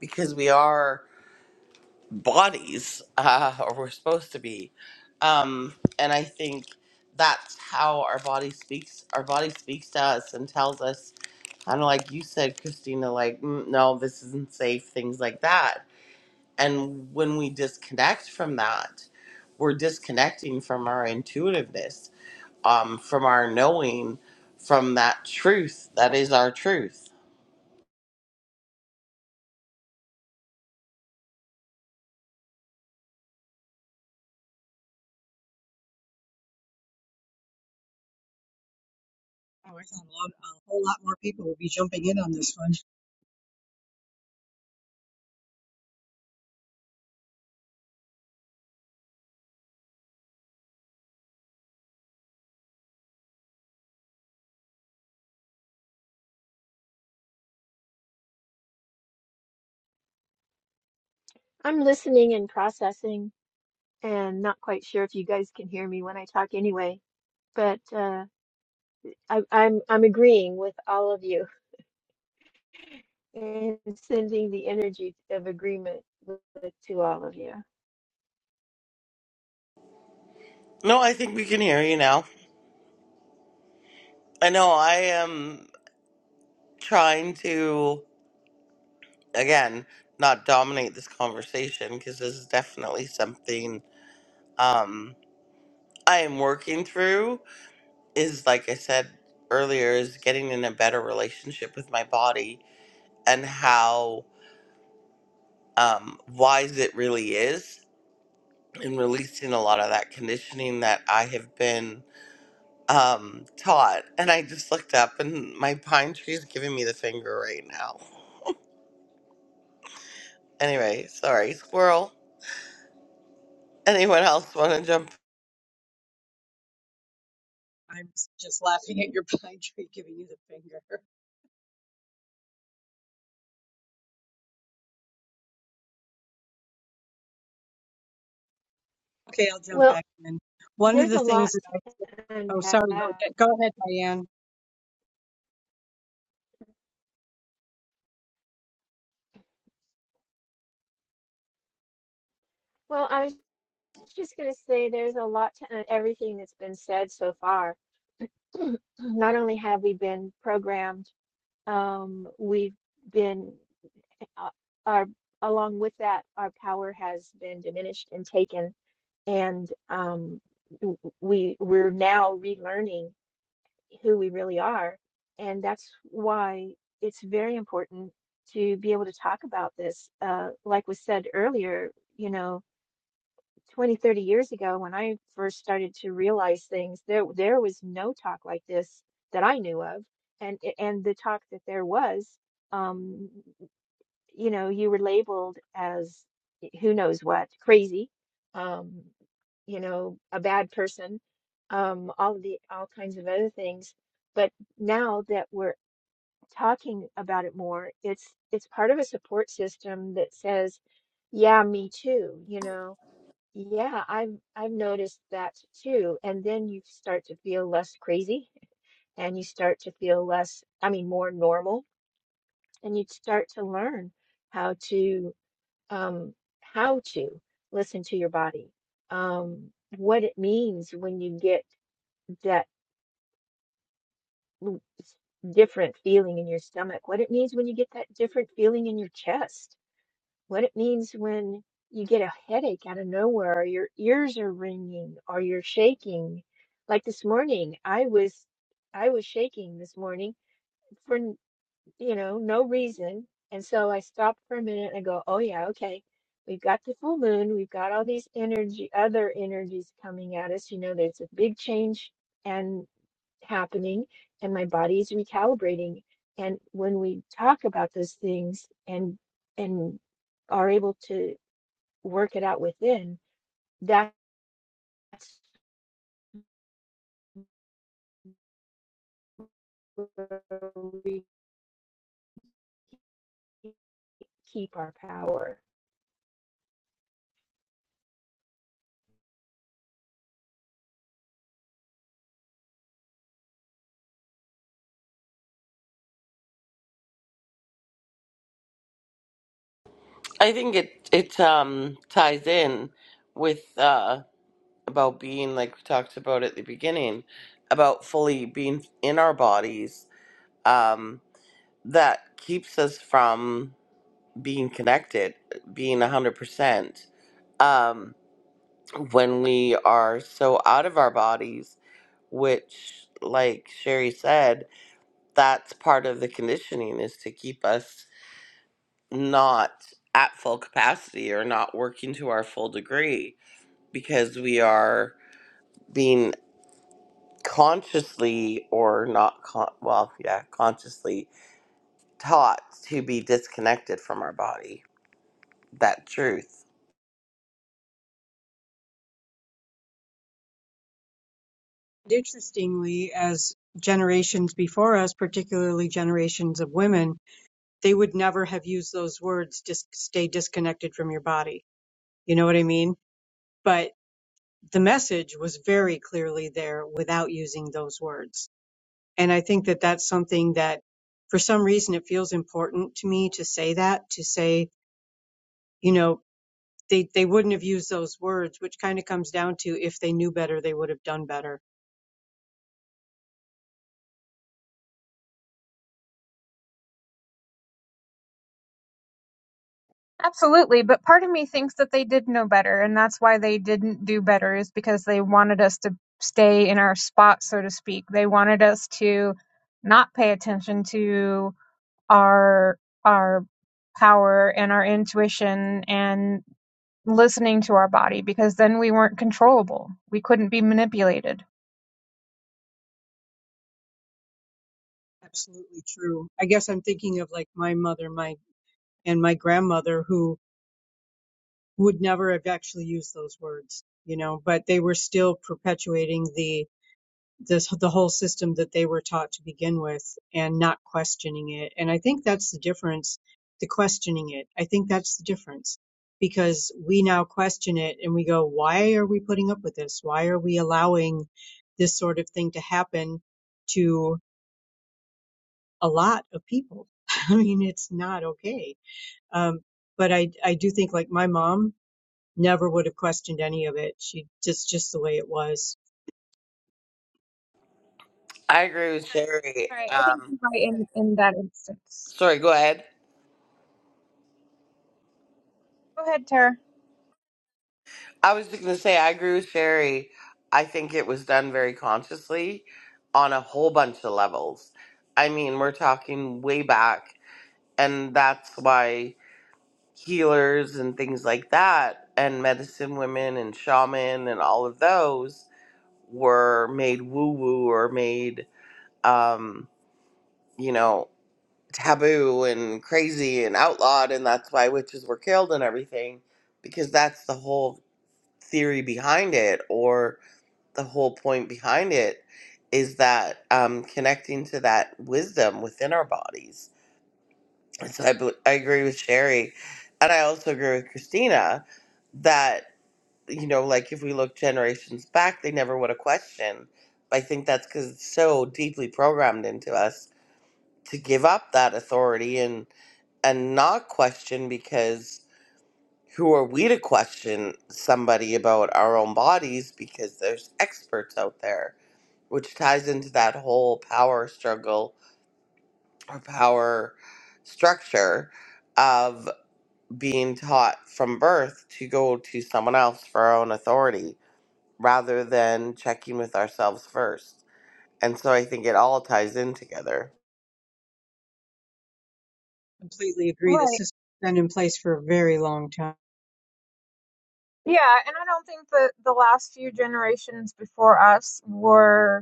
B: because we are. bodies uh, or we're supposed to be um, and i think that's how our body speaks our body speaks to us and tells us kind of like you said christina like "Mm, no this isn't safe things like that and when we disconnect from that we're disconnecting from our intuitiveness um, from our knowing from that truth that is our truth
A: Oh, I thought a, lot, a whole lot more people will be jumping in on this one
G: I'm listening and processing and not quite sure if you guys can hear me when I talk anyway, but uh, I, I'm, I'm agreeing with all of you and sending the energy of agreement with, to all of you.
B: no i think we can hear you now i know i am trying to again not dominate this conversation because this is definitely something um i am working through is like i said earlier is getting in a better relationship with my body and how um wise it really is and releasing a lot of that conditioning that i have been um taught and i just looked up and my pine tree is giving me the finger right now anyway sorry squirrel anyone else want to jump
A: i'm just laughing at your pine tree giving you the finger okay i'll jump
G: Well,
A: back in one of
G: there's
A: the
G: a lot
A: things that i
G: to
A: oh
G: unpack.
A: sorry go ahead, go ahead diane
G: Well, I was just going to say there's a lot to un- everything that's been said so far. not only have we been programmed, um, we've been, uh, our, along with that, our power has been diminished and taken, and um, we we're now relearning who we really are, and that's why it's very important to be able to talk about this. Uh, like was said earlier, you know, 20 30 years ago when I first started to realize things, there there was no talk like this that I knew of. And and the talk that there was, um, you know, you were labeled as who knows what, crazy, um, you know, a bad person, um, all of the all kinds of other things. But now that we're talking about it more, it's it's part of a support system that says, yeah, me too, you know yeah, I've I've noticed that too. And then you start to feel less crazy and you start to feel less, I mean, more normal and you start to learn how to um how to listen to your body. Um what it means when you get that w- different feeling in your stomach, what it means when you get that different feeling in your chest what it means when you get a headache out of nowhere, or your ears are ringing, or you're shaking. Like this morning, I was I was shaking this morning for n- you know no reason, and so I stopped for a minute and I go, oh yeah, okay. We've got the full moon. We've got all these energy, other energies coming at us. You know, there's a big change, happening and my body is recalibrating and when we talk about those things and and are able to work it out within that's where we keep our power
B: I think it it um ties in with uh about being like we talked about at the beginning about fully being in our bodies um that keeps us from being connected being 100% um when we are so out of our bodies which like Sherry said that's part of the conditioning is to keep us not at full capacity or not working to our full degree because we are being consciously or not con- well yeah consciously taught to be disconnected from our body that truth
A: Interestingly, as generations before us, particularly generations of women, they would never have used those words, Just stay disconnected from your body. You know what I mean? But the message was very clearly there without using those words. And I think that that's something that for some reason it feels important to me to say that, to say, you know, they, they wouldn't have used those words, which kind of comes down to if they knew better, they would have done better
E: Absolutely, but part of me thinks that they did know better, and that's why they didn't do better is because they wanted us to stay in our spot, so to speak. They wanted us to not pay attention to our our power and our intuition and listening to our body because then we weren't controllable. We couldn't be manipulated.
A: absolutely true. I guess I'm thinking of like my mother. My and my grandmother who would never have actually used those words, you know, but they were still perpetuating the this the whole system that they were taught to begin with and not questioning it. And I think that's the difference, the questioning it. I think that's the difference because we now question it and we go, why are we putting up with this? Why are we allowing this sort of thing to happen to a lot of people? I mean, it's not okay. Um, but I, I do think like my mom never would have questioned any of it. She just just the way it was.
B: i agree with sherry
E: Right. I think
B: um
E: you're right in, in that instance.
B: sorry go ahead
E: Go ahead, Tara.
B: i was just going to say i agree with sherry i think it was done very consciously on a whole bunch of levels i mean we're talking way back and that's why healers and things like that and medicine women and shaman and all of those were made woo woo or made um you know taboo and crazy and outlawed and that's why witches were killed and everything because that's the whole theory behind it or the whole point behind it is that um connecting to that wisdom within our bodies and so I, bel- I agree with sherry and i also agree with christina that. you know, like if we look generations back, they never would have questioned. I think that's because it's so deeply programmed into us to give up that authority and and not question because who are we to question somebody about our own bodies because there's experts out there, which ties into that whole power struggle or power structure of being taught from birth to go to someone else for our own authority rather than checking with ourselves first. And so I think it all ties in together.
A: Completely agree. The
E: Right.
A: system's been in place for a very long time.
E: Yeah, and I don't think that the last few generations before us were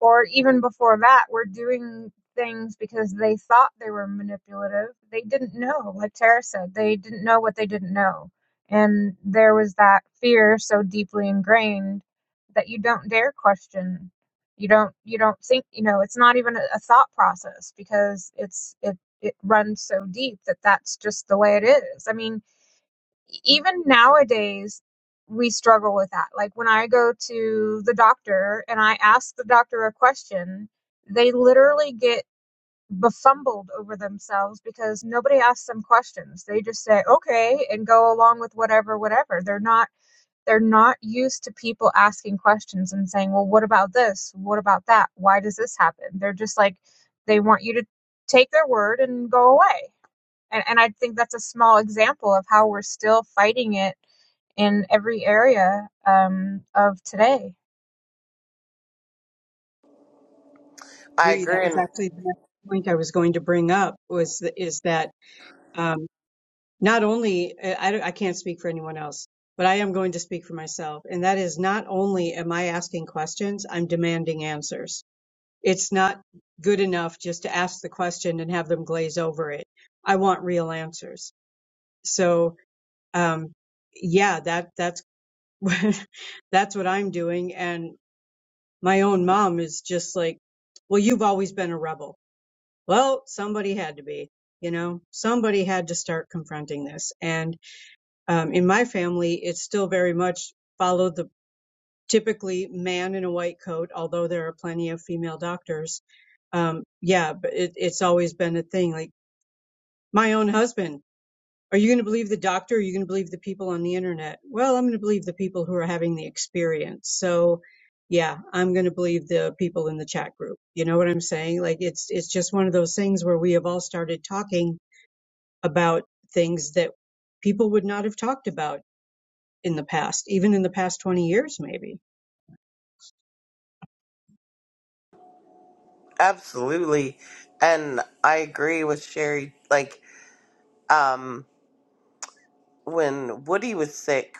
E: or even before that, were doing things because they thought they were manipulative. They didn't know, like Tara said, they didn't know what they didn't know. And there was that fear so deeply ingrained that you don't dare question. You don't you don't think, you know, it's not even a, a thought process because it's it it runs so deep that that's just the way it is. I mean, E, even nowadays we struggle with that like when i go to the doctor and i ask the doctor a question they literally get befumbled over themselves because nobody asks them questions they just say okay and go along with whatever whatever they're not they're not used to people asking questions and saying well what about this what about that why does this happen they're just like they want you to take their word and go away and, and I think that's a small example of how we're still fighting it in every area um, of today.
B: I
A: Agree. That
B: agree
A: was
B: and
A: actually the next point I was going to bring up was is that um, not only I, I can't speak for anyone else, but I am going to speak for myself, and that is not only am I asking questions, I'm demanding answers. It's not good enough just to ask the question and have them glaze over it. I want real answers. So um, yeah, that that's that's what I'm doing. And my own mom is just like, well, you've always been a rebel. Well, somebody had to be, you know, somebody had to start confronting this. And um, in my family, it's still very much followed the typically man in a white coat, although there are plenty of female doctors. Um, yeah, but it, it's always been a thing. Like my own husband Are you going to believe the doctor? Or are you going to believe the people on the internet? Well, I'm going to believe the people who are having the experience. So, yeah, I'm going to believe the people in the chat group. You know what I'm saying? Like it's it's just one of those things where we have all started talking about things that people would not have talked about in the past, even in the past 20 years maybe.
B: absolutely and I agree with Sherry like um when Woody was sick,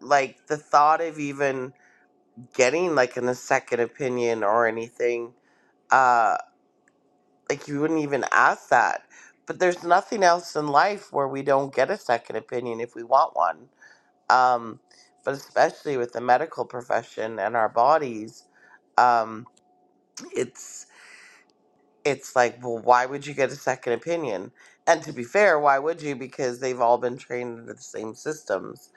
B: like the thought of even getting like an, a second opinion or anything, uh like you wouldn't even ask that. But there's nothing else in life where we don't get a second opinion if we want one um, but especially with the medical profession and our bodies, um, it's it's like, well, why would you get a second opinion? And to be fair, why would you? Because they've all been trained under the same systems.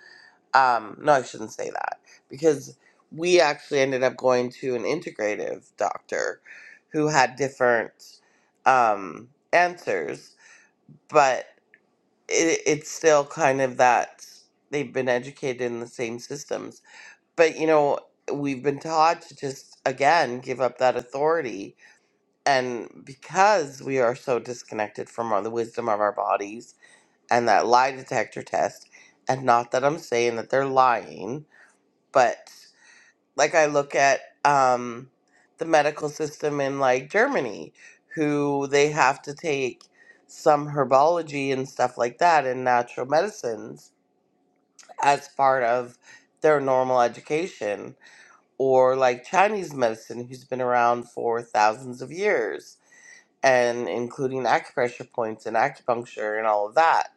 B: Um, no, I shouldn't say that because we actually ended up going to an integrative doctor who had different um, answers, but it, it's still kind of that they've been educated in the same systems but you know we've been taught to just again give up that authority and because we are so disconnected from our, the wisdom of our bodies and that lie detector test and not that i'm saying that they're lying but like i look at um, the medical system in like germany who they have to take some herbology and stuff like that and natural medicines as part of their normal education or like Chinese medicine, who's been around for thousands of years, and including acupressure points and acupuncture and all of that.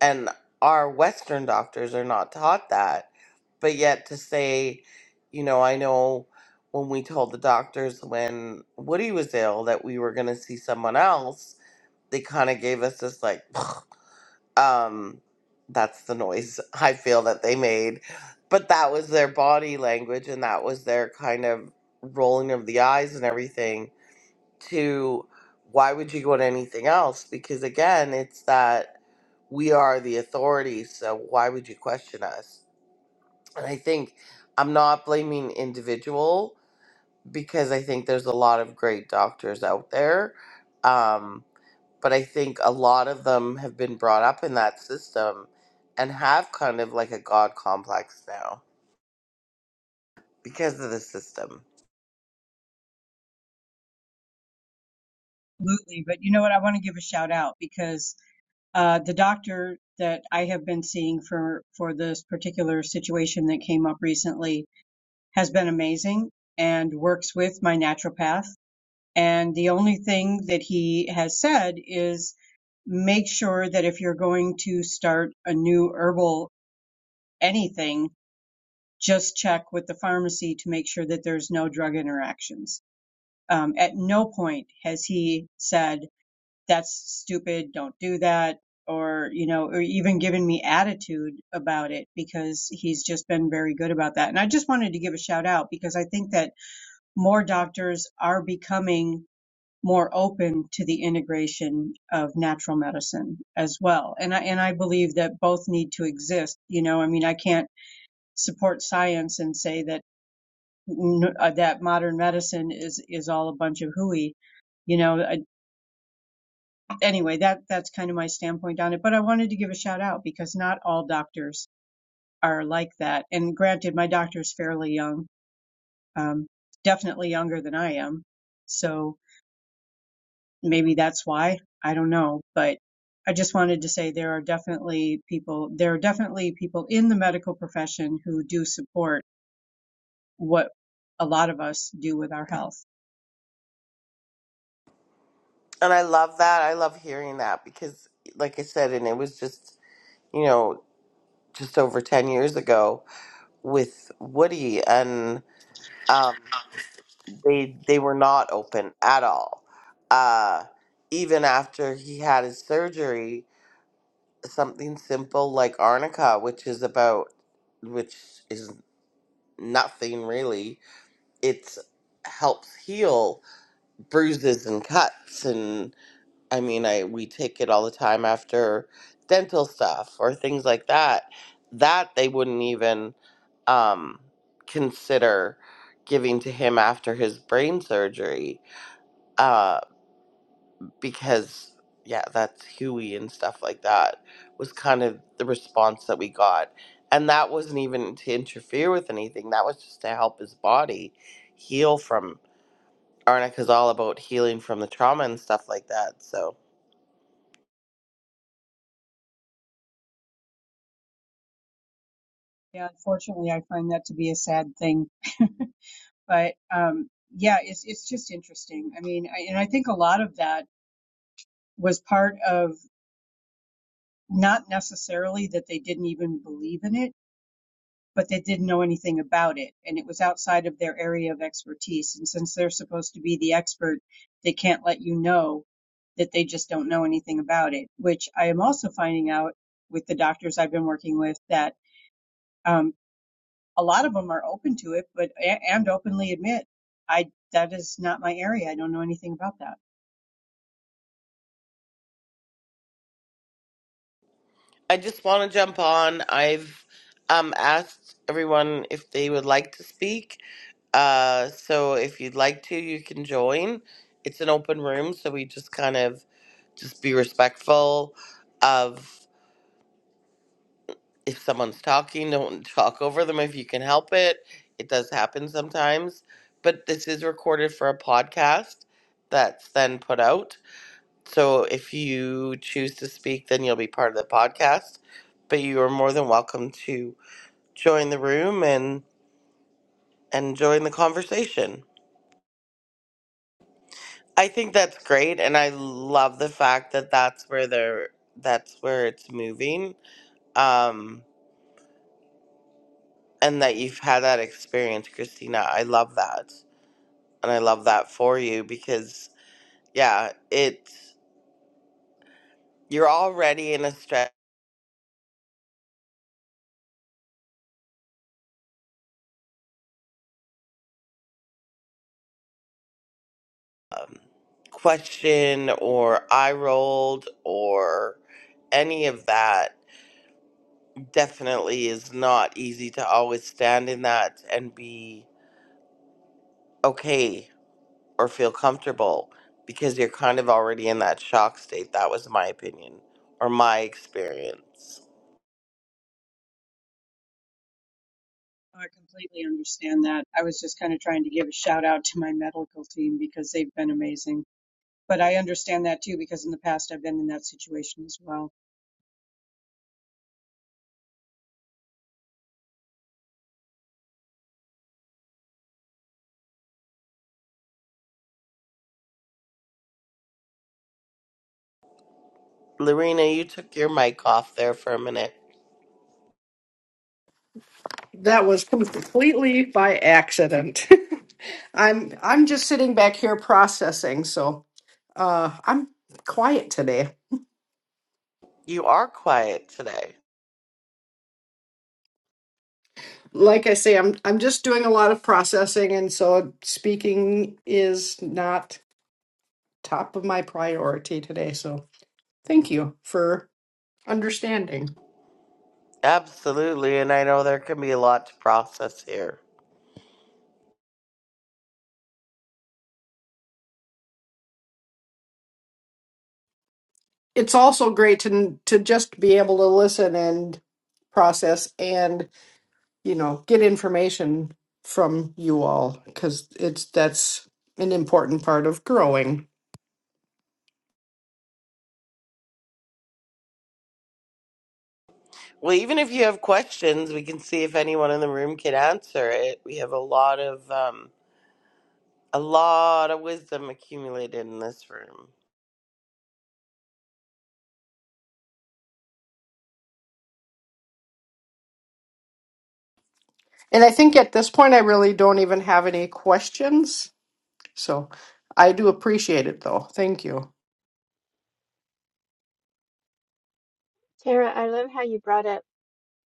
B: And our Western doctors are not taught that. But yet to say, you know, I know when we told the doctors when Woody was ill that we were going to see someone else, they kind of gave us this like, um that's the noise i feel that they made but that was their body language and that was their kind of rolling of the eyes and everything to why would you go to anything else because again it's that we are the authority so why would you question us and i think i'm not blaming individual because i think there's a lot of great doctors out there Um but I think a lot of them have been brought up in that system and have kind of like a God complex now because of the system.
A: Absolutely, but you know what? I want to give a shout out because Uh, the doctor that I have been seeing for, for this particular situation that came up recently has been amazing and works with my naturopath. And the only thing that he has said is make sure that if you're going to start a new herbal anything, just check with the pharmacy to make sure that there's no drug interactions. Um, at no point has he said that's stupid, don't do that, or, you know, or even giving me attitude about it because he's just been very good about that. And I just wanted to give a shout out because I think that more doctors are becoming more open to the integration of natural medicine as well. And I, and I believe that both need to exist. You know, I mean, I can't support science and say that uh, that modern medicine is, is all a bunch of hooey you know I, anyway, that that's kind of my standpoint on it. But I wanted to give a shout out because not all doctors are like that. And granted, my doctor is fairly young, um, definitely younger than I am, so maybe that's why I don't know. But I just wanted to say there are definitely people there are definitely people in the medical profession who do support what a lot of us do with our health.
B: And I love that. I love hearing that because, like I said, and it was just, you know, just over 10 years ago with Woody, and um, they, they were not open at all. Uh, even after he had his surgery, something simple like arnica, which is about, which is nothing really. It helps heal bruises and cuts, and I mean, I we take it all the time after dental stuff or things like that. That they wouldn't even um, consider giving to him after his brain surgery. Uh, because yeah, that's Huey and stuff like that was kind of the response that we got. And that wasn't even to interfere with anything. That was just to help his body heal from Arnica is all about healing from the trauma and stuff like that. So
A: Yeah, unfortunately, I find that to be a sad thing but um, yeah, it's it's just interesting. I mean, I, and I think a lot of that was part of not necessarily that they didn't even believe in it, but they didn't know anything about it, and it was outside of their area of expertise. And since they're supposed to be the expert, they can't let you know that they just don't know anything about it. Which I am also finding out with the doctors I've been working with that um, a lot of them are open to it, but and openly admit I that is not my area. I don't know anything about that.
B: I just want to jump on. I've um, asked everyone if they would like to speak. Uh, so if you'd like to, you can join. It's an open room, so we just kind of just be respectful of if someone's talking, don't talk over them if you can help it. It does happen sometimes, but this is recorded for a podcast that's then put out. So if you choose to speak, then you'll be part of the podcast. But you are more than welcome to join the room and and join the conversation. I think that's great, and I love the fact that that's where they're that's where it's moving. Um, and that you've had that experience, Christina. I love that. and I love that for you because yeah, it's you're already in a stress question or eye rolled or any of that definitely is not easy to always stand in that and be okay or feel comfortable because you're kind of already in that shock state. That was my opinion or my experience.
A: Oh, I completely understand that. I was just kind of trying to give a shout out to my medical team because they've been amazing. But I understand that too because in the past I've been in that situation as well.
B: Lorena, you took your mic off there for a minute.
D: That was completely by accident. I'm I'm just sitting back here processing. So uh, I'm quiet today.
B: You are quiet today.
D: like I say, I'm I'm just doing a lot of processing, and so speaking is not top of my priority today. So thank you for understanding.
B: Absolutely, and I know there can be a lot to process here.
D: It's also great to to just be able to listen and process, and you know, get information from you all because it's that's an important part of growing.
B: Well, even if you have questions, we can see if anyone in the room can answer it. We have a lot of um, a lot of wisdom accumulated in this room.
D: And I think at this point, I really don't even have any questions. So I do appreciate it, though. Thank you.
G: tara i love how you brought up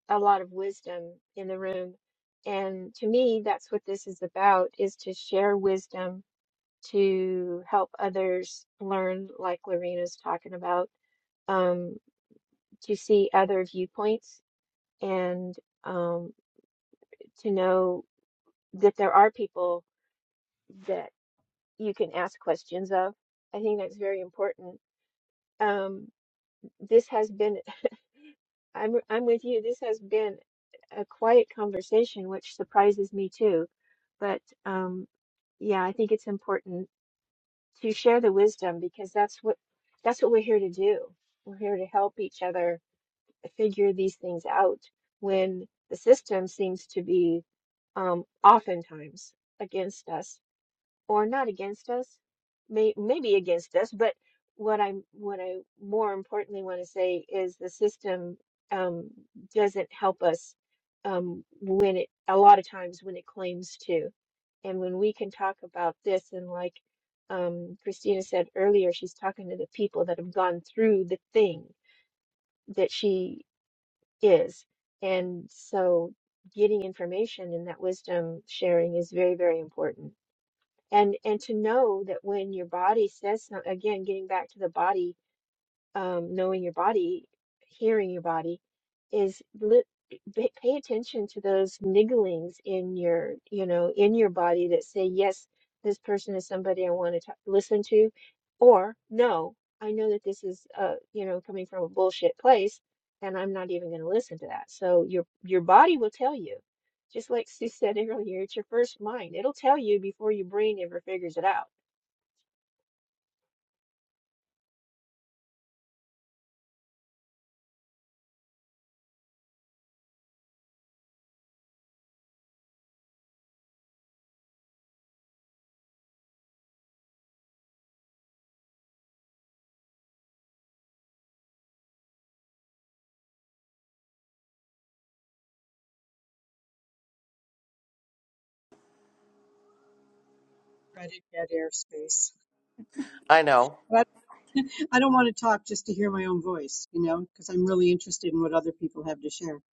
G: a lot of wisdom in the room and to me that's what this is about is to share wisdom to help others learn like lorena's talking about Um, to see other viewpoints and um, to know that there are people that you can ask questions of. I think that's very important. Um, this has been, I'm, I'm with you, this has been a quiet conversation, which surprises me too. But um, yeah, I think it's important to share the wisdom because that's what that's what we're here to do. We're here to help each other figure these things out when the system seems to be um, oftentimes against us or not against us may, maybe against us but what i'm what i more importantly want to say is the system um, doesn't help us um, when it a lot of times when it claims to and when we can talk about this and like um, christina said earlier she's talking to the people that have gone through the thing that she is. And so getting information and that wisdom sharing is very, very important. And and to know that when your body says something, again, getting back to the body um, knowing your body, hearing your body, is li- ba- pay attention to those nigglings in your, you know, in your body that say, yes, this person is somebody I want to ta- listen to, or no, I know that this is, uh, you know, coming from a bullshit place, and I'm not even going to listen to that. So your your body will tell you, just like Sue said earlier, it's your first mind. It'll tell you before your brain ever figures it out.
A: Dreaded get airspace.
B: I know.
A: But I don't want to talk just to hear my own voice, you know, because I'm really interested in what other people have to share. I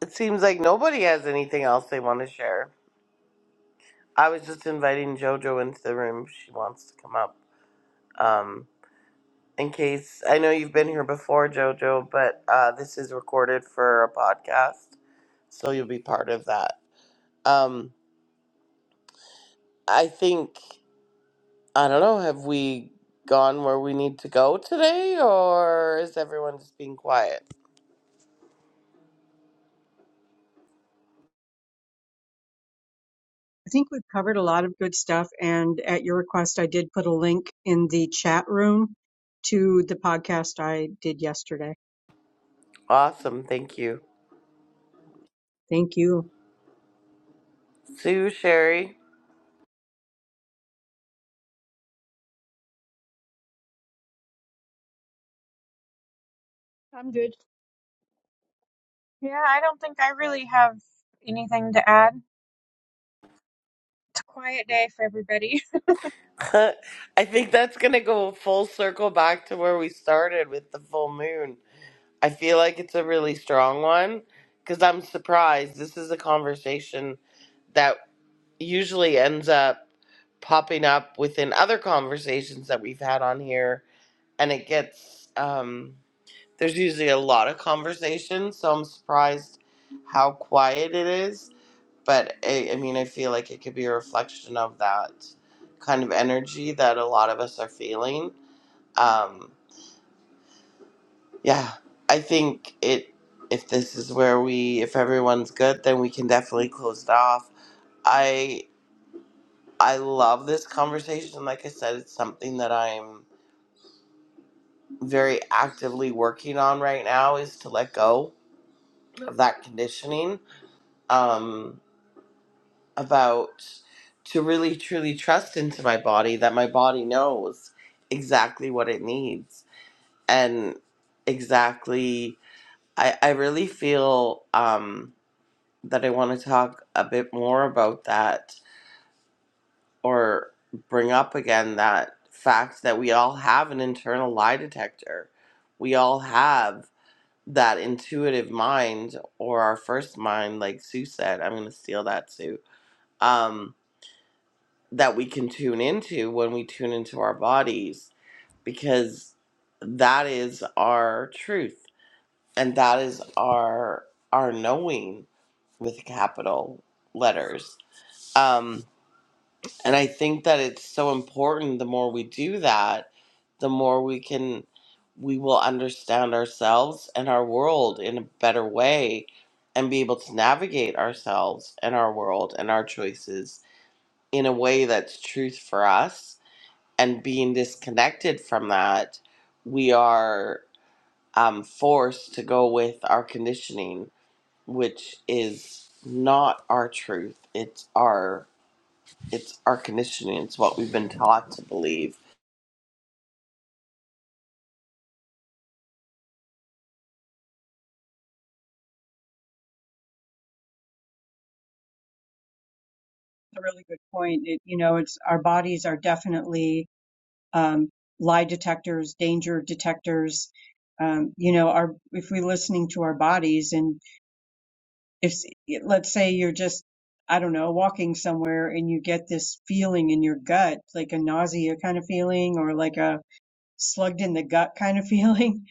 B: It seems like nobody has anything else they want to share. I was just inviting JoJo into the room. if She wants to come up. Um, in case I know you've been here before, JoJo, but uh, this is recorded for a podcast, so you'll be part of that. Um, I think. I don't know. Have we gone where we need to go today, or is everyone just being quiet?
A: think we've covered a lot of good stuff. And at your request, I did put a link in the chat room to the podcast I did yesterday.
B: Awesome. Thank you.
A: Thank you.
B: Sue, Sherry.
C: I'm good.
E: Yeah, I don't think I really have anything to add. It's a quiet day for everybody.
B: I think that's going to go full circle back to where we started with the full moon. I feel like it's a really strong one because I'm surprised. This is a conversation that usually ends up popping up within other conversations that we've had on here, and it gets. Um, There's usually a lot of conversation, so I'm surprised how quiet it is. But I, I mean, I feel like it could be a reflection of that kind of energy that a lot of us are feeling. Um, yeah, I think it. If this is where we, if everyone's good, then we can definitely close it off. I I love this conversation. Like I said, it's something that I'm very actively working on right now is to let go of that conditioning. Um, about to really truly trust into my body that my body knows exactly what it needs and exactly i, I really feel um, that i want to talk a bit more about that or bring up again that fact that we all have an internal lie detector we all have that intuitive mind or our first mind like sue said i'm going to steal that sue Um, that we can tune into when we tune into our bodies because that is our truth and that is our our knowing with capital letters um and i think that it's so important the more we do that the more we can we will understand ourselves and our world in a better way and be able to navigate ourselves and our world and our choices in a way that's truth for us and being disconnected from that, we are um, forced to go with our conditioning, which is not our truth. It's our it's our conditioning. It's what we've been taught to believe.
A: a really good point. It, you know, it's our bodies are definitely um, lie detectors, danger detectors. Um, you know, our if we're listening to our bodies, and if let's say you're just I don't know walking somewhere and you get this feeling in your gut, like a nausea kind of feeling, or like a slugged in the gut kind of feeling,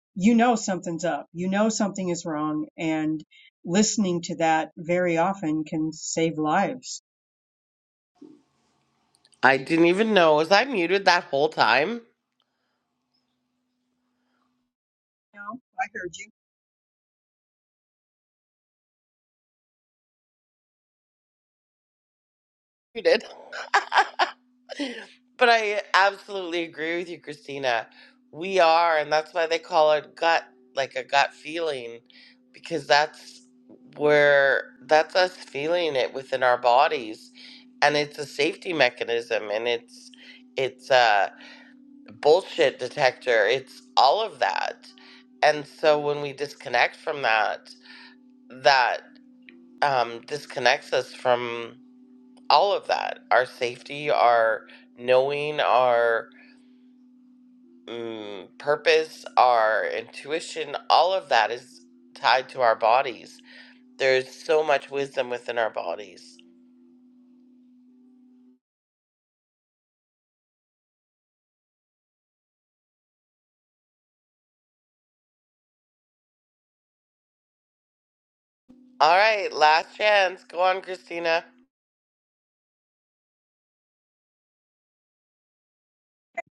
A: you know something's up. You know something is wrong, and listening to that very often can save lives.
B: I didn't even know was I muted that whole time.
A: You know, I heard you.
B: Muted. But I absolutely agree with you, Christina. We are, and that's why they call it gut, like a gut feeling, because that's where that's us feeling it within our bodies, and it's a safety mechanism, and it's it's a bullshit detector. It's all of that, and so when we disconnect from that, that um, disconnects us from all of that, our safety, our knowing, our mm, purpose, our intuition, all of that is tied to our bodies. There's so much wisdom within our bodies. All right, last chance. Go on, Christina.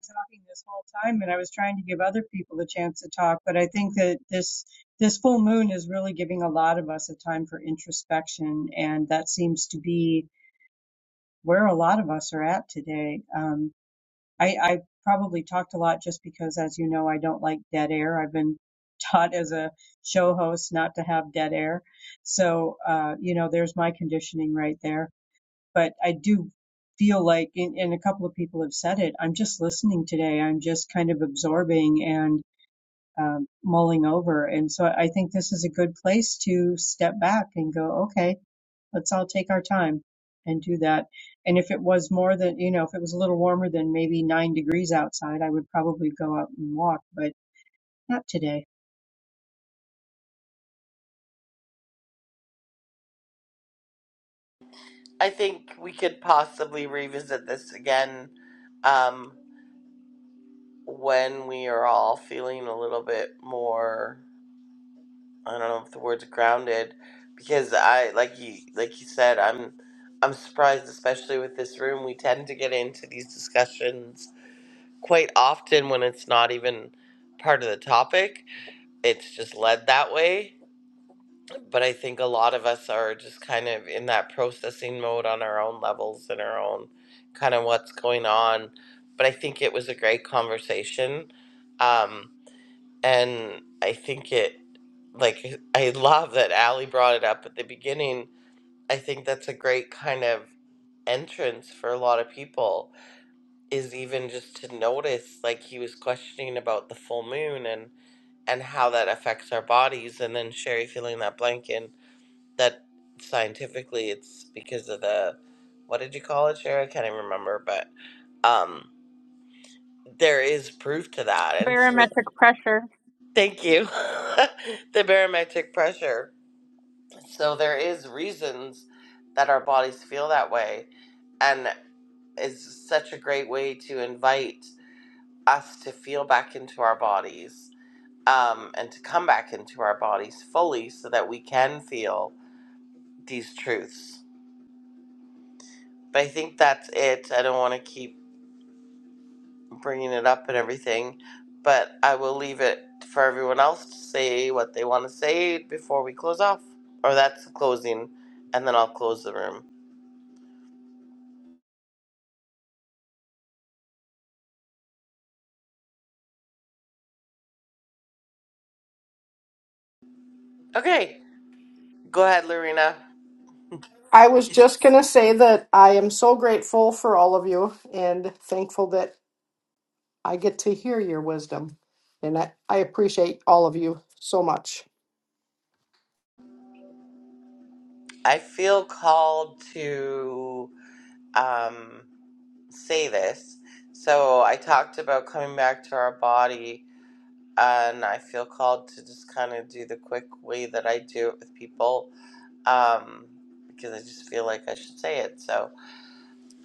A: talking this whole time and I was trying to give other people a chance to talk, but I think that this this full moon is really giving a lot of us a time for introspection and that seems to be where a lot of us are at today. Um I, I probably talked a lot just because as you know I don't like dead air. I've been taught as a show host not to have dead air. So uh, you know, there's my conditioning right there but I do feel like, and, and a couple of people have said it, I'm just listening today. I'm just kind of absorbing and um, mulling over. And so I think this is a good place to step back and go, okay, let's all take our time and do that. And if it was more than, you know, if it was a little warmer than maybe nine degrees outside, I would probably go out and walk, but not today.
B: I think we could possibly revisit this again um, when we are all feeling a little bit more. I don't know if the word's grounded, because I like you like you said. I'm I'm surprised, especially with this room. We tend to get into these discussions quite often when it's not even part of the topic. It's just led that way. But I think a lot of us are just kind of in that processing mode on our own levels and our own kind of what's going on. But I think it was a great conversation. Um, and I think it, like, I love that Allie brought it up at the beginning. I think that's a great kind of entrance for a lot of people is even just to notice like he was questioning about the full moon and and how that affects our bodies and then sherry feeling that blanket and that scientifically it's because of the what did you call it sherry i can't even remember but um there is proof to that and so thank you the barometric pressure so there is reasons that our bodies feel that way and it's such a great way to invite us to feel back into our bodies um, and to come back into our bodies fully so that we can feel these truths. But I think that's it. I don't want to keep bringing it up and everything, but I will leave it for everyone else to say what they want to say before we close off. Or that's the closing, and then I'll close the room. Okay, go ahead, Lorena.
D: I was just going to say that I am so grateful for all of you and thankful that I get to hear your wisdom. And I, I appreciate all of you so much.
B: I feel called to. Um, say this. So I talked about coming back to our body, and I feel called to just kind of do the quick way that I do it with people um, because I just feel like I should say it. So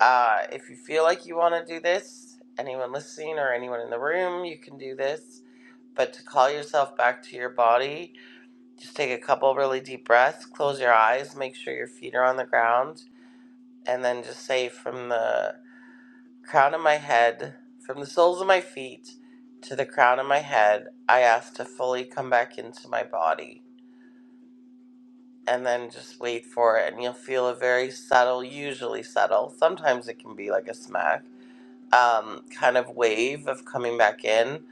B: uh, if you feel like you want to do this, anyone listening or anyone in the room, you can do this. But to call yourself back to your body, just take a couple really deep breaths, close your eyes, make sure your feet are on the ground, and then just say from the crown of my head, from the soles of my feet to the crown of my head, I ask to fully come back into my body. And then just wait for it, and you'll feel a very subtle, usually subtle, sometimes it can be like a smack, um, kind of wave of coming back in.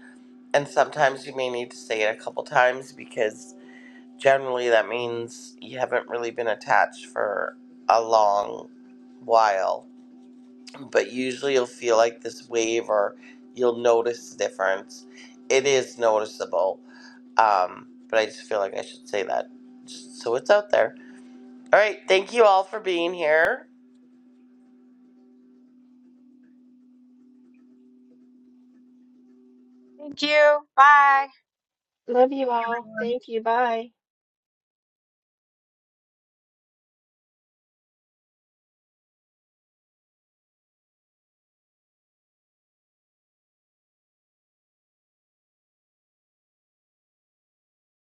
B: And sometimes you may need to say it a couple times because generally that means you haven't really been attached for a long while but usually you'll feel like this wave or you'll notice the difference. It is noticeable, um, but I just feel like I should say that just so it's out there. All right, thank you all for being here.
E: Thank you. Bye.
G: Love you
A: Hey,
G: all.
A: everyone.
G: Thank you. Bye.